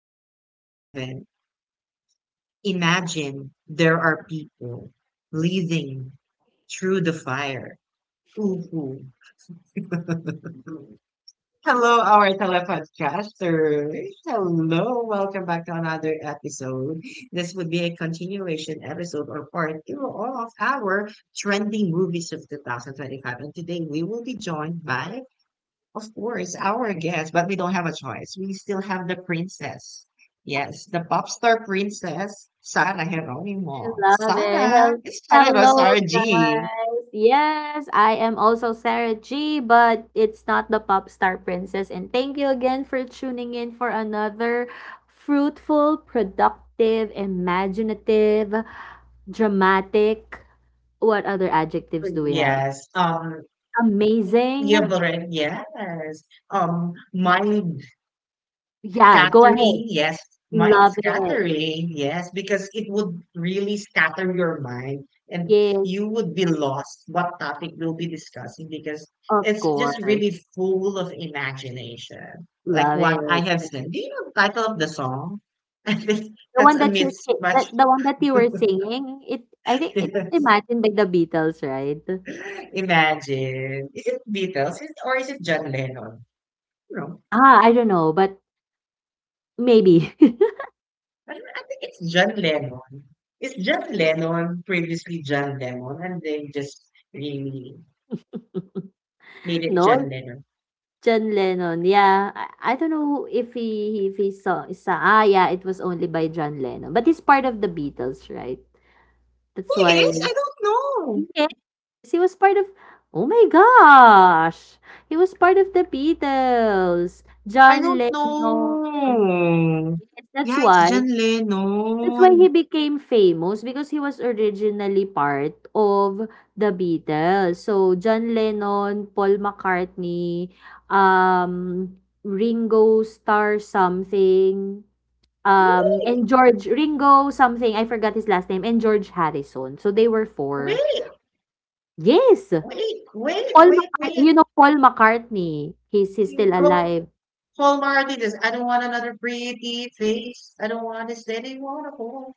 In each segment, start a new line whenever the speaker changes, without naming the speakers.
there's no heaven. Imagine there are people living through the fire. Ooh. Hello, our telepodcasters. Hello, welcome back to another episode. This would be a continuation episode or part two of our trending movies of 2025. And today we will be joined by of course, our guest, but we don't have a choice. We still have the princess. Yes, the pop star princess, Sara
I
Geronimo.
love it.
Sara, it's Sara Geronimo,
Hello,
Sara G.
guys. Yes, I am also Sarah G, but it's not the pop star princess. And thank you again for tuning in for another fruitful, productive, imaginative, dramatic. What other adjectives do we have?
Yes.
Amazing.
You've already, yes. My
Yeah, go ahead.
scattering, yes. Mind
Love it.
scattering, yes, because it would really scatter your mind and
Yes,
you would be lost what topic we'll be discussing because
of
it's just
course.
really full of imagination. Like
Love
what
it.
I have said. Do you know the title of the song? I think that's a mismatch.
The one that you were singing, it I think it was
Yes.
imagined by the Beatles, right?
Imagine. Is it Beatles Is- or is it John Lennon? No.
Ah, I don't know, but maybe.
I, don't- I think it's John Lennon. It's John Lennon, previously John Lennon, and they just really made it
No,
John
it's
Lennon.
John Lennon. Yeah, I don't know if he saw sa ah yeah, it was only by John Lennon, but he's part of the Beatles, right? That's
Who is?
why
I don't know.
yes, he was part of. Oh my gosh, he was part of the Beatles.
I
John
don't
Lennon.
know.
Yes, that's
Yeah, it's
why.
John
That's why
Lennon.
he became famous because he was originally part of the Beatles. So John Lennon, Paul McCartney, um, Ringo Starr something,
Wait,
and George Ringo something. I forgot his last name. And George Harrison. So they were four.
wait,
Yes,
wait, wait,
Paul
wait,
McCartney.
wait.
You know Paul McCartney. He's
You
still
go,
alive.
Paul Martin is, I don't want another pretty face. I don't want this anymore.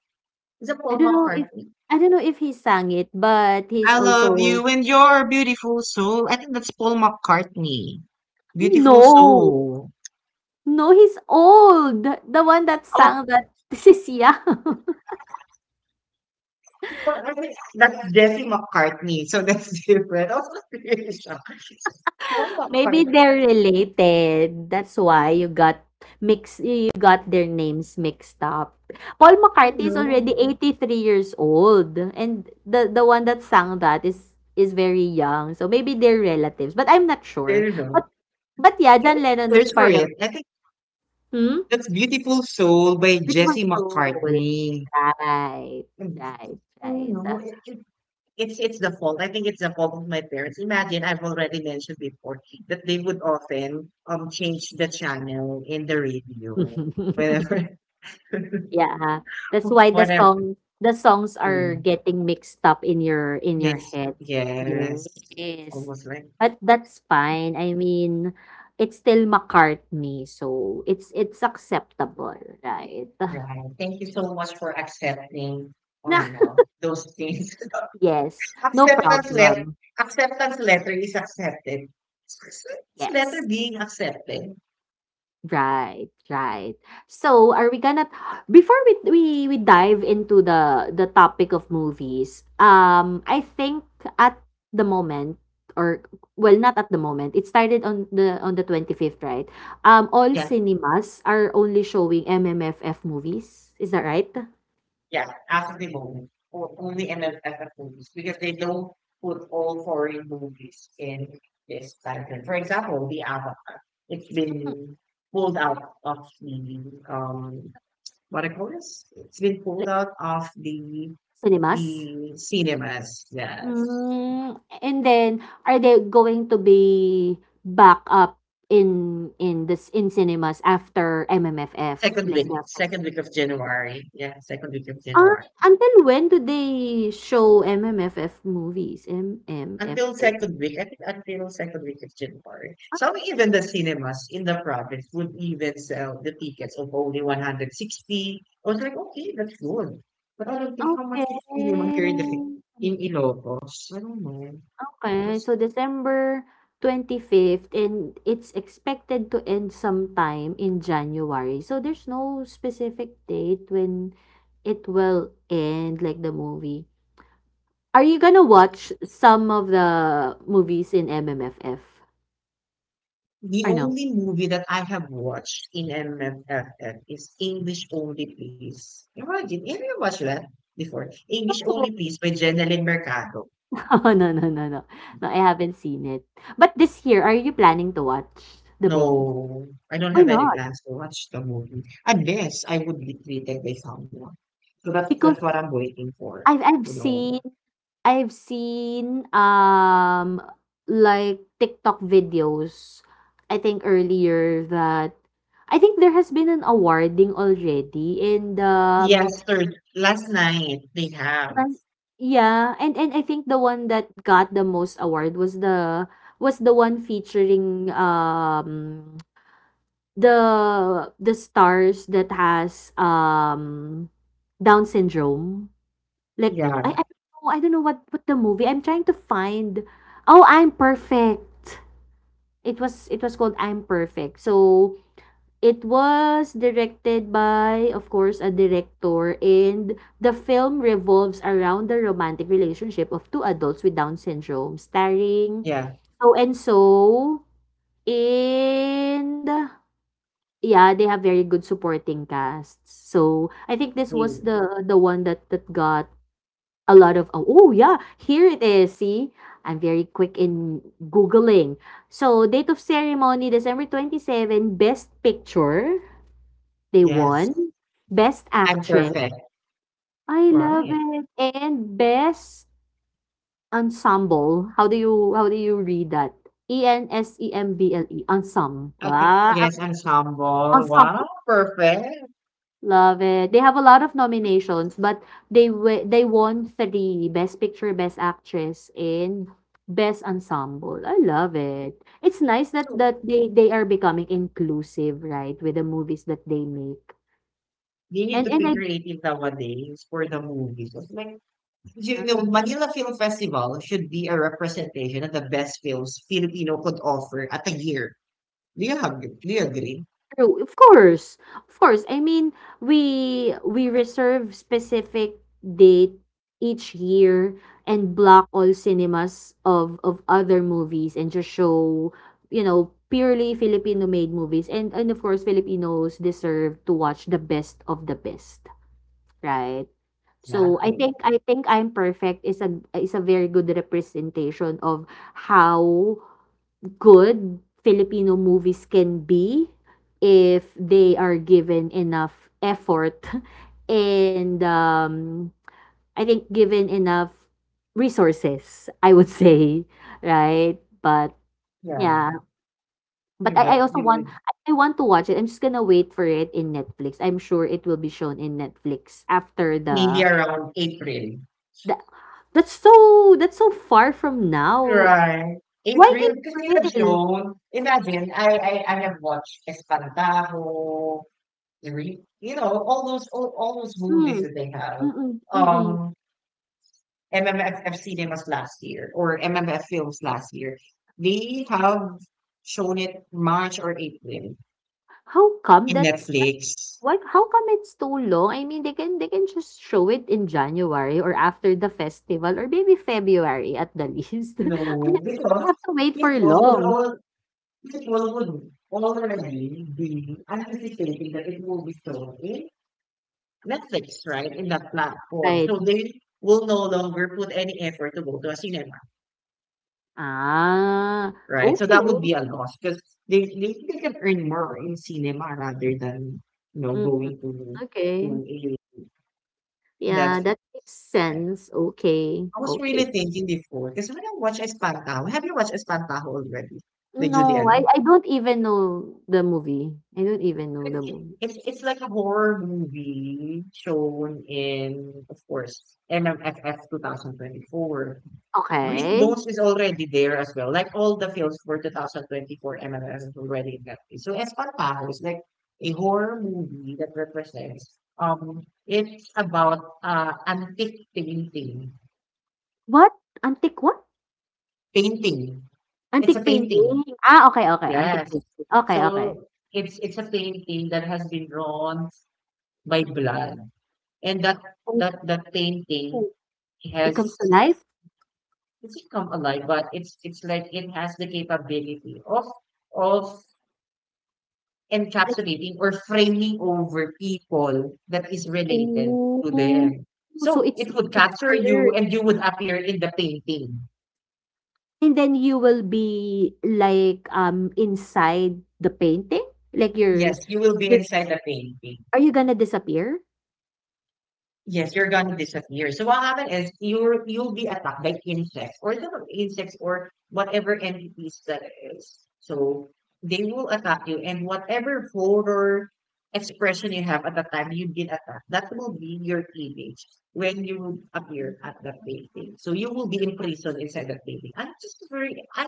Is it
I
Paul
don't know if
McCartney?
I don't know if he sang it, but he's
I love
also
you and your beautiful soul. I think that's Paul McCartney. Beautiful
no.
Soul.
No, he's old. The one that
Oh,
sang that this is young.
that's Jesse McCartney. So that's different. I was really shocked. Paul
Maybe
McCartney?
they're related. That's why you got mixed You got their names mixed up. Paul
Oh,
McCartney is
no.
already 83 years old, and the one that sang that is very young. So maybe they're relatives, but I'm not
I
sure.
don't know.
But but yeah,
I
John
just
Lennon is
search for
part of
it. I think
hmm?
that's Beautiful Soul by
Beautiful
Jesse
Soul.
McCartney.
Right.
Mm.
Right,
Oh,
right.
no. It's the fault. I think it's the fault of my parents. Imagine, I've already mentioned before that they would often change the channel in the radio whenever,
Yeah, that's why
whatever.
the songs are
Mm.
getting mixed up in your
Miss,
head.
yes.
Yes.
Almost was like,
But that's fine. I mean, it's still McCartney, so it's acceptable, right?
right. Thank you so much for accepting, or those things.
Yes, no
Acceptance letter,
problem.
acceptance letter is accepted. It's it's letter
Yes.
being accepted.
Right, right. So, are we gonna before we dive into the topic of movies? I think at the moment or well, not at the moment. It started on the 25th, right? All
Yeah,
cinemas are only showing MMFF movies. Is that right?
yeah. After the moment, or only MFF movies because they don't put all foreign movies in this title. For example, the Avatar. It's been pulled out of the um what I call this? It's been pulled
Like
out of the
cinemas?
the cinemas. Yes,
Mm, and then are they going to be back up in this in cinemas after MMFF like the
second week of January. Yeah, second week of
Ah,
January.
until when do they show MMFF movies?
Until
MMFF?
second week, I think until second week of January.
Ah,
Some even the cinemas in the province would even sell the tickets of only 160. I was like, okay, that's good. But I don't think how much
okay.
is cinema here in the in Ilocos. I don't know.
Okay,
What's-
so December 25th, and it's expected to end sometime in January. So there's no specific date when it will end, like the movie. Are you gonna watch some of the movies in MMFF
the
or no?
only movie that I have watched in MFFF is English Only Please. Imagine, have you watched that before? English Only Please by Jeneline Mercado.
Oh, no, no, no, no. No, I haven't seen it. But this year, are you planning to watch the
No,
movie?
I don't
Why
have any
not?
plans to watch the movie unless I would be treated by someone. So that's
Because
what I'm waiting for.
I've I've
You know,
seen I've seen like TikTok videos. I think earlier that I think there has been an awarding already and
yesterday, last night they have.
one- yeah and I think the one that got the most award was the one featuring the stars that has Down syndrome. Like
Yeah,
I don't know what the movie. I'm trying to find. Oh, I'm perfect. It was called I'm perfect. So it was directed by of course a director and the film revolves around the romantic relationship of two adults with Down syndrome starring
yeah,
so and so and yeah, they have very good supporting casts. So I think this
they,
was the one that that got a lot of oh, oh yeah, here it is. See, I'm very quick in googling. So date of ceremony December 27, best picture they
yes.
won, best
I'm
actress.
perfect.
I love
Right.
it. And best ensemble. How do you read that? E N S E M B L E ensemble.
Okay.
Ah,
Yes, ensemble.
ensemble.
Wow, perfect.
Love it. They have a lot of nominations, but they w they won three Best Picture, Best Actress, and Best Ensemble. I love it. It's nice that
So,
that they are becoming inclusive, right, with the movies that they make.
they need to
And
be
I
creative nowadays for the movies. It's like, you know, Manila Film Festival should be a representation of the best films Filipino could offer at a year. Do you agree?
True, of course, of course. I mean, we reserve specific date each year and block all cinemas of other movies and just show, you know, purely Filipino made movies. And of course, Filipinos deserve to watch the best of the best, right? So
Exactly.
I think I'm perfect is a very good representation of how good Filipino movies can be if they are given enough effort and I think given enough resources, I would say, right? But
Yeah.
yeah, but I also want
You
I want to watch it. I'm just gonna wait for it in Netflix. I'm sure it will be shown in Netflix after
maybe around April.
the that's so far from now.
Right.
Why
April, because they have
April?
shown, imagine, I have watched Espantajo, re- you know, all those movies
Mm,
that they have.
mm-mm, mm-mm.
Um, MMFF cinemas last year or MMF films last year. They have shown it March or April
How come
in
that's
Netflix.
why how come it's too long? I mean, they can just show it in January or after the festival or maybe February at the least.
No,
I
because
have to wait for
it will would
long,
all it will would already be anticipating that it will be shown in Netflix, right? In that platform.
right?
So they will no longer put any effort to go to a cinema,
Ah,
right? So
okay.
that would be a loss because they can earn more in cinema rather than
Mm-mm,
going
okay.
to a that's
Yeah, that makes
right.
sense. Okay.
I was really
Okay.
thinking before, because when I watch Espantajo, have you watched Espantajo already? By
No,
Julian?
I don't even know the movie. I don't even know
So It,
the
it,
movie.
it's like a horror movie shown in, of course, MMFF 2024. Green
Okay.
Ghost is already there as well. Like all the films for 2024 MMFF is already in that place. So Espantajo is like a horror movie that represents, it's about antique painting.
What? Antique what?
Painting. It's a
Antique
painting.
painting. Ah, okay, okay. Antique
Yes.
painting. Okay, okay.
So it's a painting that has been drawn by blood, and that
Oh,
that that painting
it
has
comes to life?
it's come alive, but it's like it has the capability of of
Like,
encapsulating or framing over people that is related to
oh,
them.
so
So it would
it's
capture you,
cursed.
and you would appear in the painting.
And then you will be like inside the painting? Like
Yes, you will be
you're
inside the painting.
are you gonna disappear?
Yes, you're gonna disappear. So what happen is you're you'll be attacked by insects or the insects or whatever entities that is. So they will attack you, and whatever horror expression you have at the time you've been attacked, that will be your image when you appear at that painting. So you will be imprisoned inside that painting.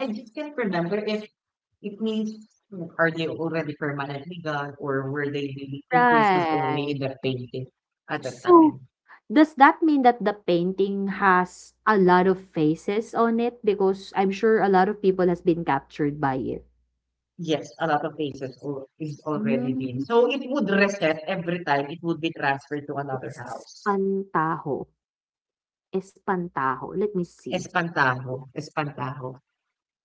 I just can't remember if it means are they already permanent legal or were they really imprisoned only
Right.
in the faith at that
So
time?
does that mean that the painting has a lot of faces on it? Because I'm sure a lot of people has been captured by it.
Yes, a lot of cases al- is already
Mm,
been. So it would reset every time it would be transferred to another house.
Espantajo. Espantajo. Let me see.
Espantajo, Espantajo.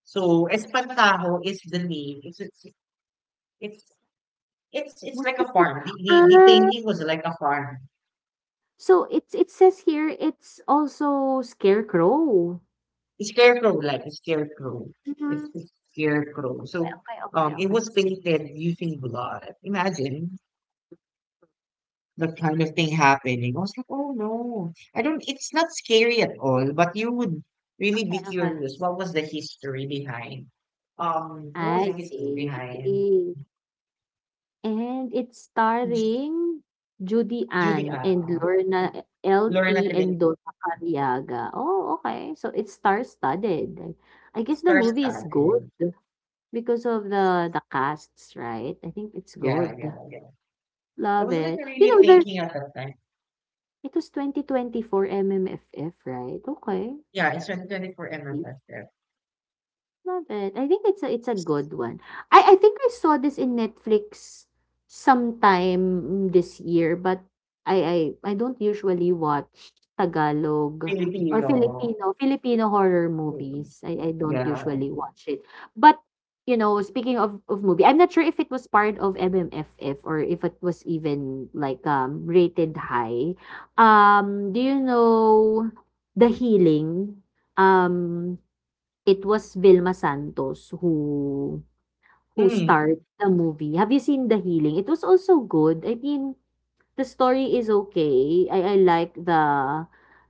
So Espantajo is the name. It's it's
What
like a
does it
farm. The
ah,
painting was like a farm
so it's it says here it's also scarecrow.
scarecrow, like a scarecrow. It's
Mhm.
a scarecrow. So
Okay, okay,
it
okay,
was painted using blood. Imagine that kind of thing happening. I was like, oh no. I don't, it's not scary at all, but you would really
okay,
be
okay, okay.
curious. What was the history behind? What was the
I
history
see.
behind
And it's
Ju-
starring Judy
Judy,
Ann and Lorna L
Lorna
T and
Telenti,
Donna Careaga. Oh, okay. So it's star-studded. I guess the
Star
movie is good
and-
because of the casts, right? I think it's
yeah, yeah,
good.
yeah. I
Love
was like
it. You
really
know, there
thinking at that time.
It was 2024 MMFF, right? Okay.
Yeah, it's 2024 MFS there.
Love it. I think it's a good one. I think I saw this in Netflix sometime this year, but I I don't usually watch Tagalog or
Filipino.
Filipino Filipino horror
Mm,
movies. I don't
yeah.
usually watch it. But you know, speaking of movie, I'm not sure if it was part of MMFF or if it was even like rated high. Do you know The Healing? Um, It was Vilma Santos who
Mm,
starred the movie. Have you seen The Healing? It was also good. I mean, the story is okay. I like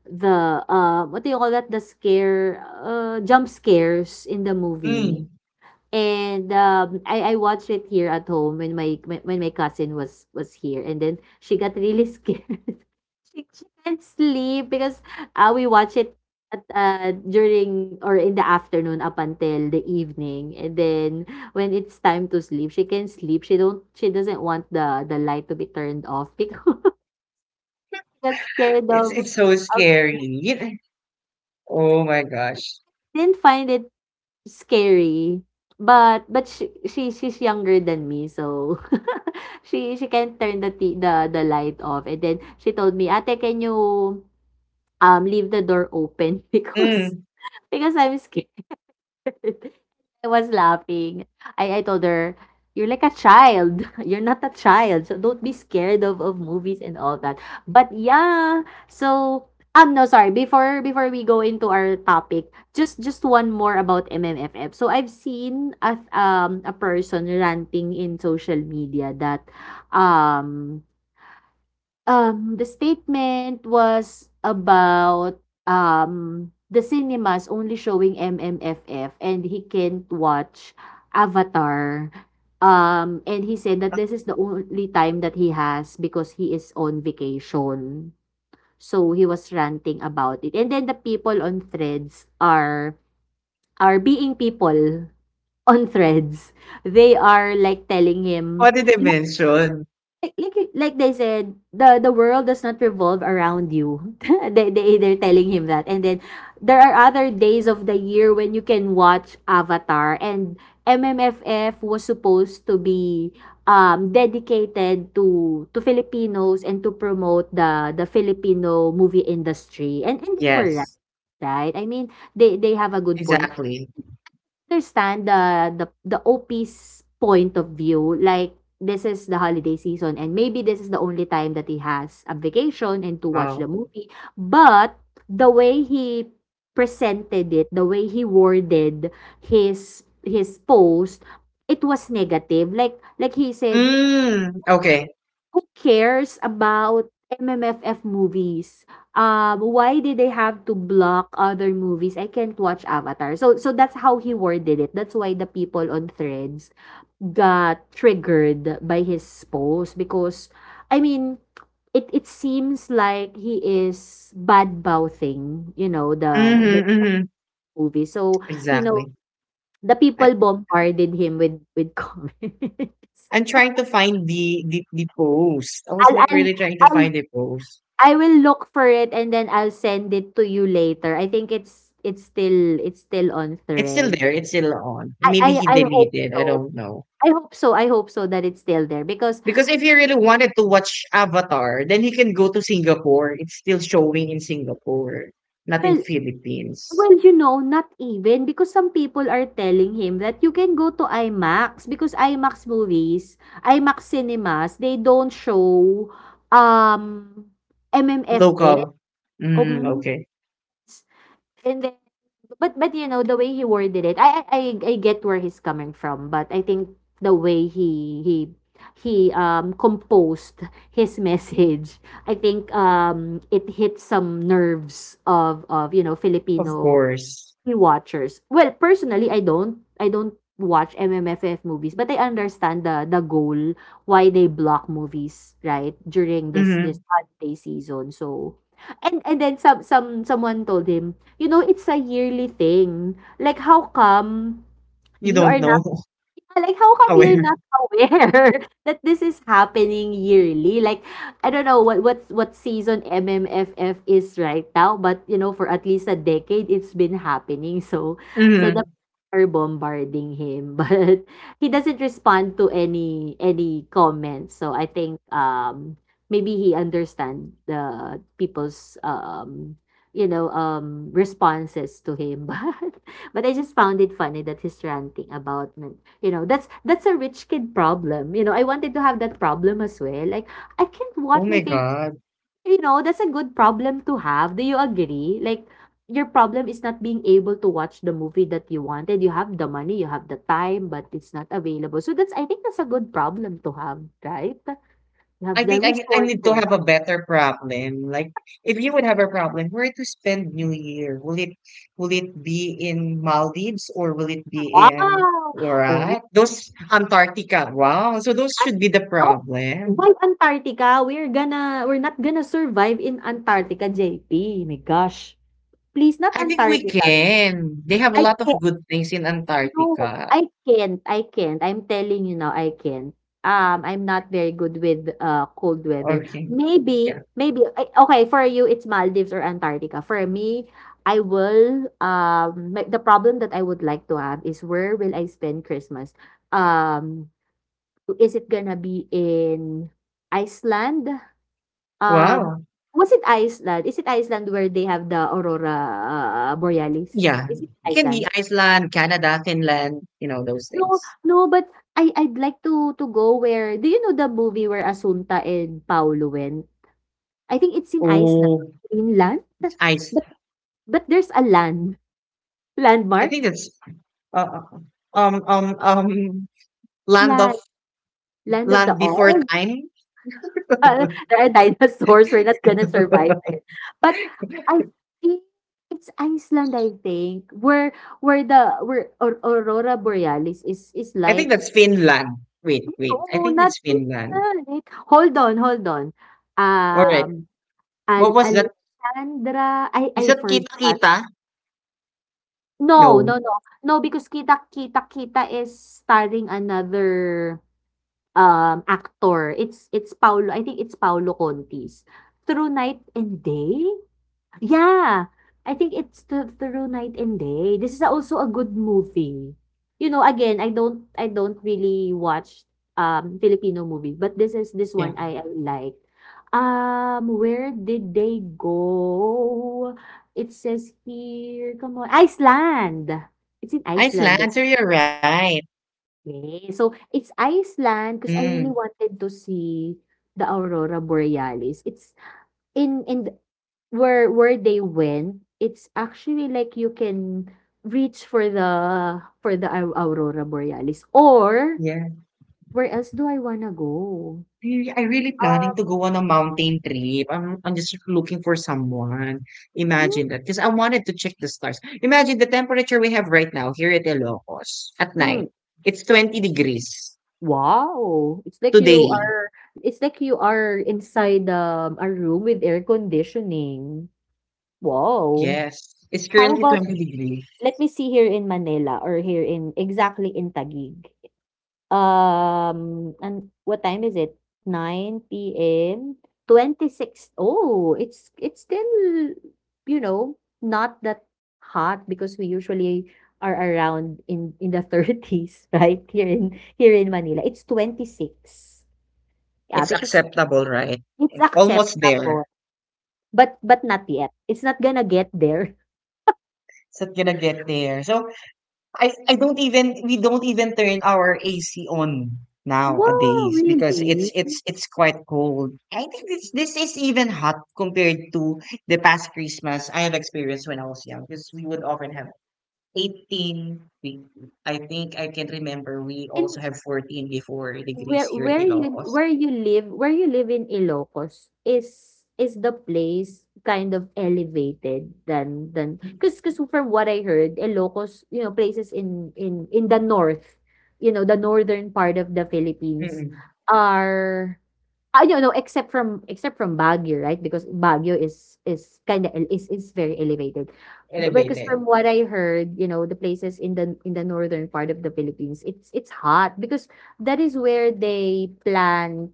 the, what do you call that? The scare, jump scares in the
mm.
movie. And, I watched it here at home when my cousin was here, and then she got really scared. She can't sleep because, we watch it at, during or in the afternoon up until the evening, and then when it's time to sleep, she can sleep. She doesn't want the light to be turned off because she got scared
It's so
of
scary. You kn- oh my gosh.
didn't find it scary. But she's younger than me, so she can turn the light off. And then she told me, "Ate, can you leave the door open because
Mm.
Because I'm scared." I was laughing. I told her, "You're like a child. You're not a child. So don't be scared of movies and all that." But yeah, so no sorry before before we go into our topic just one more about MMFF so I've seen a person ranting in social media that um the statement was about the cinemas only showing MMFF and he can't watch Avatar. And he said that this is the only time that he has because he is on vacation. So he was ranting about it. And then the people on threads are being people on threads. They are like telling
What
him,
did they
you
mention?
they said, the world does not revolve around you. They they're telling him that, and then there are other days of the year when you can watch Avatar, and MMFF was supposed to be dedicated to Filipinos and to promote the Filipino movie industry, and they were right.
Yes,
Right. I mean, they have a good point
exactly.
understand the OP's point of view. Like this is the holiday season and maybe this is the only time that he has a vacation and to watch the
Wow.
movie. But the way he presented it, the way he worded his post, it was negative. Like he said,
Mm, okay.
who cares about MMFF movies? Why did they have to block other movies? I can't watch Avatar. So so that's how he worded it. That's why the people on threads got triggered by his post because I mean it seems like he is bad mouthing, the the
Mm-hmm, mm-hmm.
movie. So, you know,
Exactly.
the
I,
people bombarded him with comments.
I'm trying to find the post. I was
I'll
like
I'll
really trying to
I'll
find the post.
I will look for it and then I'll send it to you later. I think it's still on
It's still
thread.
there. It's still on.
I I
Maybe he
I hope
deleted. I
so.
don't know.
I hope so, I hope so that it's still there because
Because if he really wanted to watch Avatar, then he can go to Singapore. It's still showing in Singapore, not in
well
Philippines.
well, you know, not even because some people are telling him that you can go to IMAX because IMAX movies, IMAX cinemas, they don't show um
Local.
MMFX.
Mm,
Um,
okay.
and But you know the way he worded it, I I get where he's coming from, but I think the way he composed his message, I think it hit some nerves of you know
Of
Filipino
course.
watchers. Well, personally, I don't. I don't watch MMFF movies, but I understand the goal why they block movies, right? During this
Hmm.
this holiday season. So, and then some someone told him, you know, it's a yearly thing. Like how come
You
you are.
don't know.
Ah, like, how come you're
Aware.
not aware that this is happening yearly? Like, I don't know what's what season MMFF is right now, but you know, for at least a decade, it's been happening. So, so the
Hmm.
people are bombarding him, but he doesn't respond to any comments. So I think maybe he understand the people's you know responses to him, but I just found it funny that he's ranting about you know, that's a rich kid problem. You know, I wanted to have that problem as well. Like, I can't
Oh
watch my
my
favorite.
God.
You know, that's a good problem to have. Do you agree? Like, your problem is not being able to watch the movie that you wanted. You have the money, you have the time, but it's not available. So that's I think that's a good problem to have, right? You have
I
the
think I need to
resources.
have a better problem. Like, if you would have a problem, where to spend New Year? Will it be in Maldives or will it be in
Wow.
all
Oh,
right? Those Antarctica. Wow. So those
that,
should be the
no.
problem.
Why Antarctica? We're not gonna survive in Antarctica, JP. My gosh. Please, not
I think we
Antarctica.
can. They have a
I
lot of good things in
no,
Antarctica.
I can't. I'm telling you now, I can't. I'm not very good with cold weather.
Okay.
Maybe,
Yeah.
maybe I- okay, for you it's Maldives or Antarctica. For me, I will my- the problem that I would like to have is where will I spend Christmas? Um, is it gonna be in Iceland? Um,
Wow.
was it Iceland? Is it Iceland where they have the aurora borealis?
Yeah.
Is it
It can be
Iceland?
Iceland, Canada, Finland, you know, those
No,
things.
no, but I'd like to go where do you know the movie where Asunta and Paolo went? I think it's in Iceland,
Oh,
Greenland?
ice.
But but there's a land.
I think
Landmark?
that's Uh, um um um land of
Land. Land of the
land before
Oz?
time.
There are dinosaurs. We're not gonna survive it. But I think it's Iceland, I think, where the where Aur- Aurora Borealis is
I
like,
think that's Finland. Wait, wait. I
oh,
think
not
it's Finland.
Finland. Hold on.
All right.
Um Al
What was that?
Alexandra I
Is
I
that Kita
forgot.
Kita?
No,
No.
no, no. No, because Kita Kita Kita is starring another, actor. It's Paolo I think it's Paolo Contis. Through Night and Day? Yeah, I think it's th- through night and day. This is also a good movie. You know, again, I don't really watch Filipino movie, but this is this one
Yeah.
I like. Where did they go? It says here, come on, Iceland. It's in Iceland.
Iceland. So you're right.
Okay. So it's Iceland
Mm.
because I really wanted to see the Aurora Borealis. It's in th- where they went, it's actually like you can reach for the au- aurora borealis or
Yeah.
where else do I wanna go?
Really, I really planning
Uh,
to go on a mountain trip. I'm just looking for someone.
mm,
Imagine that, 'cause I wanted to check the stars. Imagine the temperature we have right now here at Ilocos at
mm,
night. It's 20 degrees
wow,
today.
it's like you are inside a room with air conditioning. Wow.
Yes, it's
How
currently
about
20 degrees.
let me see here in Manila or here in exactly in Taguig. And what time is it? 9 p.m.? Six oh, it's still, you know, not that hot because we usually are around in the 30s right? Here in here in Manila, it's 26. Yeah,
It's
because
acceptable, right?
it's
Almost there.
acceptable, but not yet. It's not gonna get there.
It's not gonna get there. So I don't even we don't even turn our AC on
Wow,
nowadays because
really?
it's quite cold. I think this is even hot compared to the past Christmas I have experienced when I was young because we would often have 18 we, I think I can remember we also have 14 before degrees
Where
here in
where you
Ilocos.
where you live where you live in Ilocos, is the place kind of elevated than 'cause 'cause from what I heard, Ilocos, you know, places in the north, you know, the northern part of the Philippines
Mm-mm.
are I don't know, except from Baguio, right? Because Baguio is kind of is very elevated. But because
Elevated.
from what I heard, you know, the places in the northern part of the Philippines, it's hot because that is where they plant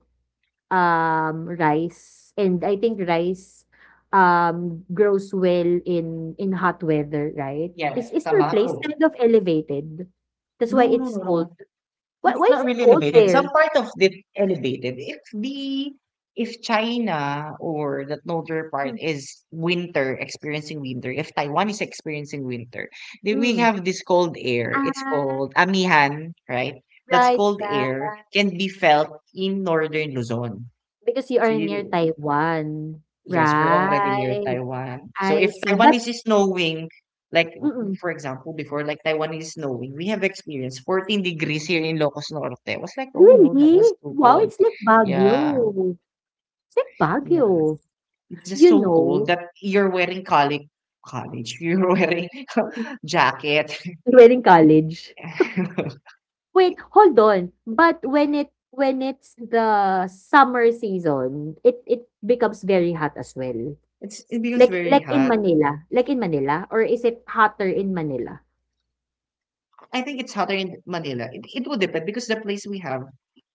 rice, and I think rice grows well in hot weather, right?
Yes,
Is your place
tobacco.
kind of elevated? That's why
No, no,
it's
no,
cold.
no.
Why
It's
is
not
it
really
cold
elevated. Some
there?
part of it elevated. If China or that northern part
Mm,
is winter, experiencing winter, if Taiwan is experiencing winter, then we
mm.
have this cold air. It's called amihan, right? That's
Right,
cold
right.
air can be felt in northern Luzon.
Because you
So
are near
you
Taiwan.
yes, we're already near
Right,
Taiwan. So
I
if
see.
Taiwan
But
is snowing, like
mm.
for example, before like Taiwan is snowing, we have experienced 14 degrees here in Locos Norte. I was like, oh no, that
Really?
was too
Wow,
cold.
it's like
Yeah,
Baguio. It's like
yes.
Baguio.
It's just
You
so cold
know,
that you're wearing college, you're wearing jacket.
we're in college. Wait, hold on. But when it when it's the summer season, it becomes very hot as well.
it's it becomes very hot.
Like in Manila or is it hotter in Manila?
I think it's hotter in Manila. It would depend because the place we have,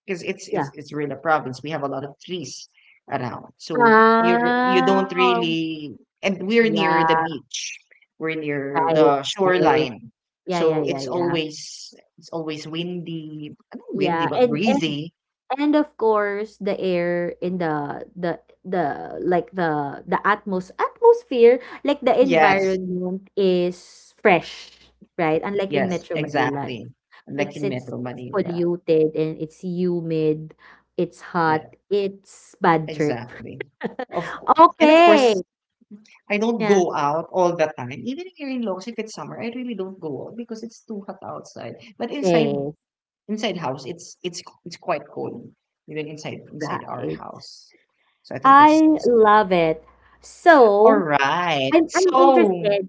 because it's it's
Yeah.
it's really a province. We have a lot of trees around, so you don't
Ah,
really. And we're near the
yeah.
beach. We're near
Right,
the
right.
shoreline,
Yeah, yeah,
so
yeah, yeah.
it's always windy. Not windy,
Yeah,
but breezy.
and of course the air in the like the atmos atmosphere, like the
Yes,
environment is fresh, right? Unlike in
yes,
Metro Manila,
exactly. Like in Metro
it's
Manila.
polluted and it's humid, it's hot,
Yeah,
it's bad trip.
exactly. Of course. And of
Okay.
course, I don't
Yeah.
go out all the time. Even here in Long's, if it's summer, I really don't go out because it's too hot outside. But inside
Yes,
inside house, it's quite cold, even inside our
right.
house. So I think that's
I love it.
all
So,
right.
I'm
So
interested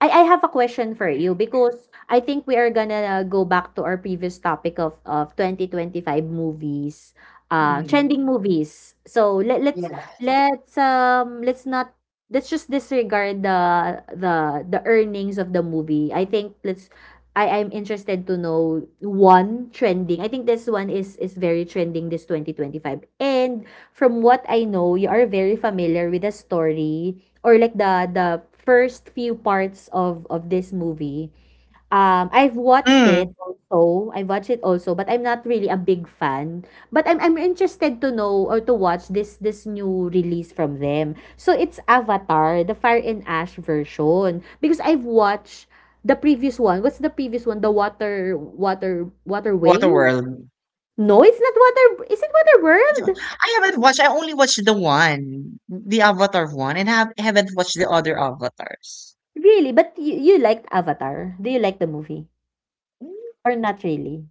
I have a question for you because I think we are gonna go back to our previous topic of 2025 movies,
mm,
trending movies. So let
yeah.
let's not let's just disregard the earnings of the movie. I think let's I I'm interested to know one trending. I think this one is very trending this 2025. And from what I know, you are very familiar with the story or like the first few parts of this movie. I've watched it
Mm,
also. I watched it also, but I'm not really a big fan. But I'm interested to know or to watch this this new release from them. So it's Avatar, the Fire and Ash version. Because I've watched the previous one. What's the previous one? The water water waterway?
Waterworld.
No, it's not water. Is it Water
So,
World?
I haven't watched. I only watched the one, the Avatar one, and haven't watched the other avatars.
Really? But you liked Avatar? Do you like the movie or not really?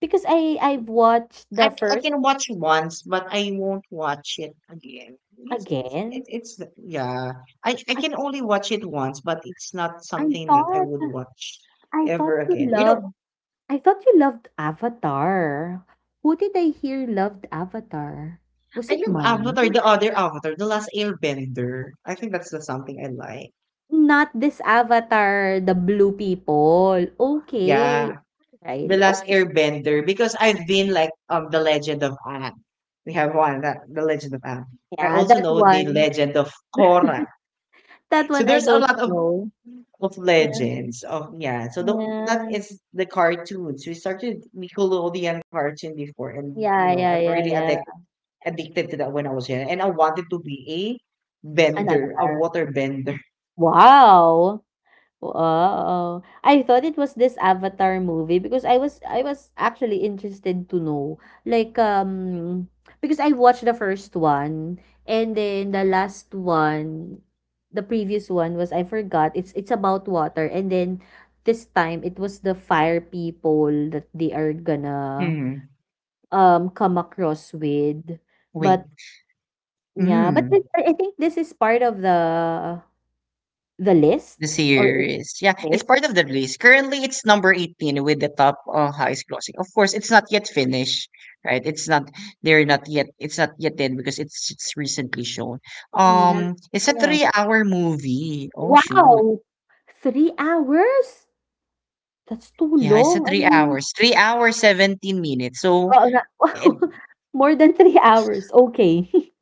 Because I I've watched
I,
the
c- I
first
can watch once, but I won't watch it again. It's it's it,
again.
it's yeah. I
I
can only watch it once, but it's not
I
something that I
thought.
would watch
I thought
ever
you
again.
loved I thought you loved Avatar. Who did I hear loved Avatar? Was
I
it
love Avatar,
mommy?
the other Avatar, the Last Airbender. I think that's the something I like.
Not this Avatar, the blue people. Okay.
Yeah, the
Alrighty.
Last
Okay.
Airbender because I've been like the Legend of Aang. We have one that the Legend of Aang. I
Yeah,
also
that
know the
one.
Legend of Korra.
That
So
one I
there's a
don't
lot of
know.
of
Yeah.
legends of yeah. So the that
Yeah.
is the cartoons. We started Nickelodeon cartoon before, and you
Yeah,
know
yeah,
I'm
yeah,
really
yeah.
addicted to that when I was young, and I wanted to be a
An
bender, a
Avatar.
water bender.
Wow! Wow. I thought it was this Avatar movie because I was actually interested to know. Like because I watched the first one and then the last one the previous one was I forgot. It's about water and then this time it was the fire people that they are gonna
Mm.
come across with.
Wait.
But yeah, but this,
Mm.
I think this is part of the list
The
or is
series. Yeah, it's
it?
part of the release. Currently, it's number 18 with the top highest grossing. Of course, it's not yet finished, right? It's not, they're not yet, it's not yet dead because it's recently shown. It's a
Yeah.
3-hour movie. Oh, shoot.
Wow! 3 hours? That's too
Yeah, it's a
long. I
three
mean,
hours, 3 hours, 17 minutes. So,
oo nga.
it,
More than 3 hours, okay.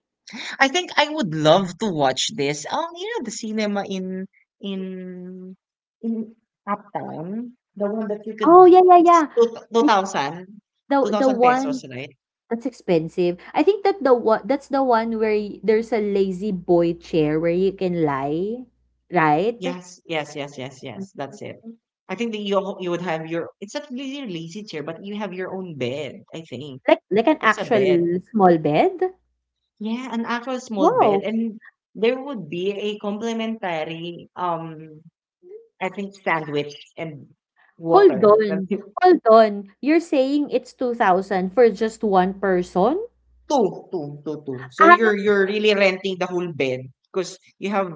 I think I would love to watch this. You know the cinema in in in Uptown, the one that you
Oh,
could
yeah, yeah,
it's
yeah.
two,
I
two
the
thousand
one
pesos, right?
that's expensive. I think that the one that's the one where y there's a lazy boy chair where you can lie, right?
Yes, yes, yes, yes,
Mm.
yes. That's it. I think that you would have your it's not really a lazy chair, but you have your own bed, I think.
Like an
It's a bed.
actual small bed?
Yeah, an actual small bed.
Wow!
And there would be a complimentary I think sandwich and
Hold
water.
on, hold on. You're saying it's 2,000 for just one person?
Two, two, two, two. So you're really renting the whole bed because you have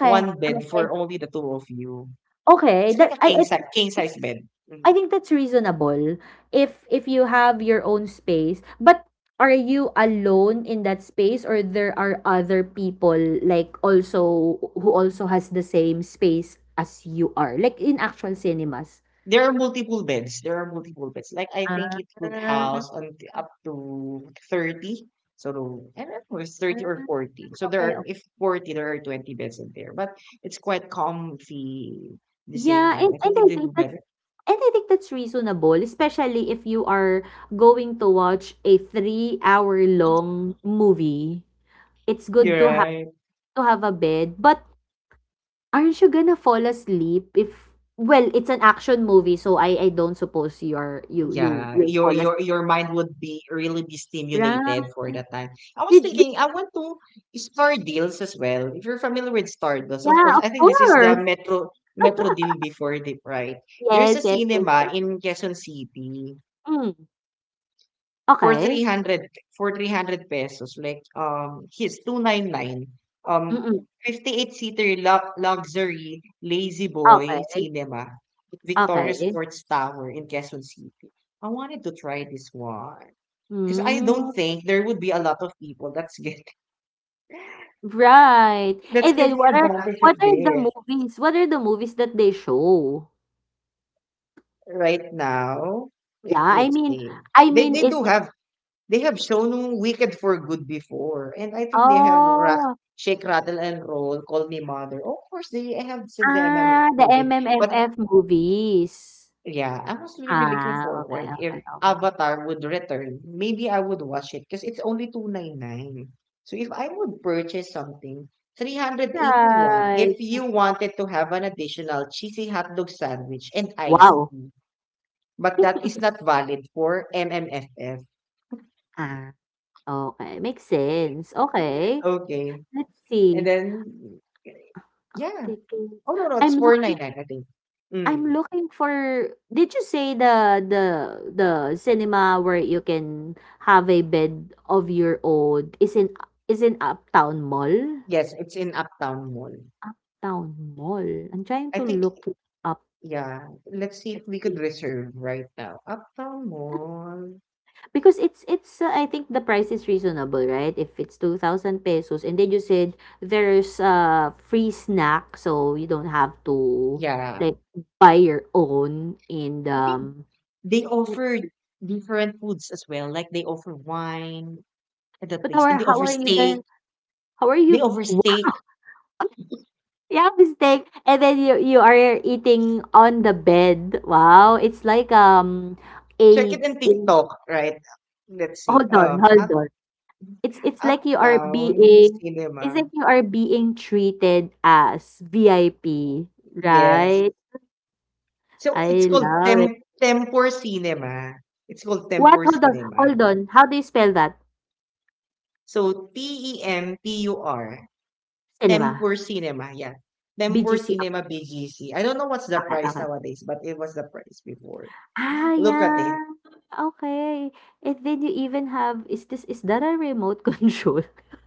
one bed for
okay.
only the two of you.
Okay,
It's like
that
a king size king size bed.
I
Mhm.
think that's reasonable if you have your own space. But are you alone in that space or there are other people like also who also has the same space as you are, like in actual cinemas?
There are multiple beds. There are multiple beds. Like I think
Ah,
it could house on up to 30. So I don't know, it's 30 or 40. So there
okay,
are
okay.
if 40, there are 20 beds in there. But it's quite comfy. At the same
Yeah,
time, I
and
think it
I
did
think that's
better.
and I think that's reasonable, especially if you are going to watch a 3-hour long movie. It's good
You're right.
to have a bed, but aren't you gonna fall asleep if well, it's an action movie, so I don't suppose you're you you
Yeah,
will
your
fall asleep,
your your mind would be really be stimulated
right?
for that time. I was
Did
thinking I want to Star Deals as well. If you're familiar with Stardust, of
yeah,
course,
of
I think this is the
course.
Metro deal before the right? There's
Yes,
a
yes, yes,
cinema
yes.
in Quezon City.
Hmm,
for
okey.
300 for 300 pesos, like his 299, um
Mm,
58 seater luxury lazy
okay.
boy
Mm-mm. Okay.
cinema at Victoria
Okay.
Sports Tower in Quezon City. I wanted to try this one because I
Hmm,
don't think there would be a lot of people that's get
right.
that's
And then
taking advantage
what
of
are the
this
movies what are the movies that they show?
right now.
Yeah,
Like, let's see
I
they
mean
they
is
do have. They have shown Wicked for Good before, and I think they have
oh,
Shake, Rattle, and Roll, Call Me Mother. Of course, they have some the MM
ah, the
movie, but
MMFF movies.
yeah, I was really really looking
Ah, okay,
forward if
okay, okay.
Avatar would return. Maybe I would watch it because it's only 299. So if I would purchase something. 381 if
Right.
you wanted to have an additional cheesy hot dog sandwich and iced
Wow!
tea, but that is not valid for MMFF.
Ah, okay makes sense, okay.
Okay.
Let's
And
see,
then, yeah.
tickets
Oh, no, no, it's
I'm looking
499, I think.
I'm
Mm.
looking for did you say the cinema where you can have a bed of your own is in Uptown Mall?
Yes, it's in Uptown Mall.
Uptown Mall. I'm trying
I
to
think,
look it up,
yeah. Let's see if
let's
we could
see.
reserve right now. Uptown Mall.
Because it's I think the price is reasonable, right? If it's 2000 pesos and then you said there's a free snack so you don't have to
Yeah.
like buy your own and
I think
um
they
let's
offer
see.
different foods as well. Like they offer wine at that
But how
place, and
are
they
how
offer
are you going
steak.
to how are
They
you
offer steak.
yeah mistake and then you are eating on the bed. Wow, it's like
Check
a,
it in
a
TikTok, right? Let's see.
hold on, hold on. It's like you are
Uptown
being,
Cinema.
it's like you are being treated as VIP,
Yes.
right?
So it's
I
called
love it.
Tempur Cinema. It's called
What?
Tempur
Hold on,
Cinema.
hold on. How do you spell that?
So Tempur,
Cinema.
Tempur Cinema. Yeah. Tempur
BGC.
Cinema BGC. I don't know what's the
Okay,
price
okay.
nowadays, but it was the price before.
Ah,
Look at
yeah.
it.
Okay. And then you even have, is this, is that a remote control?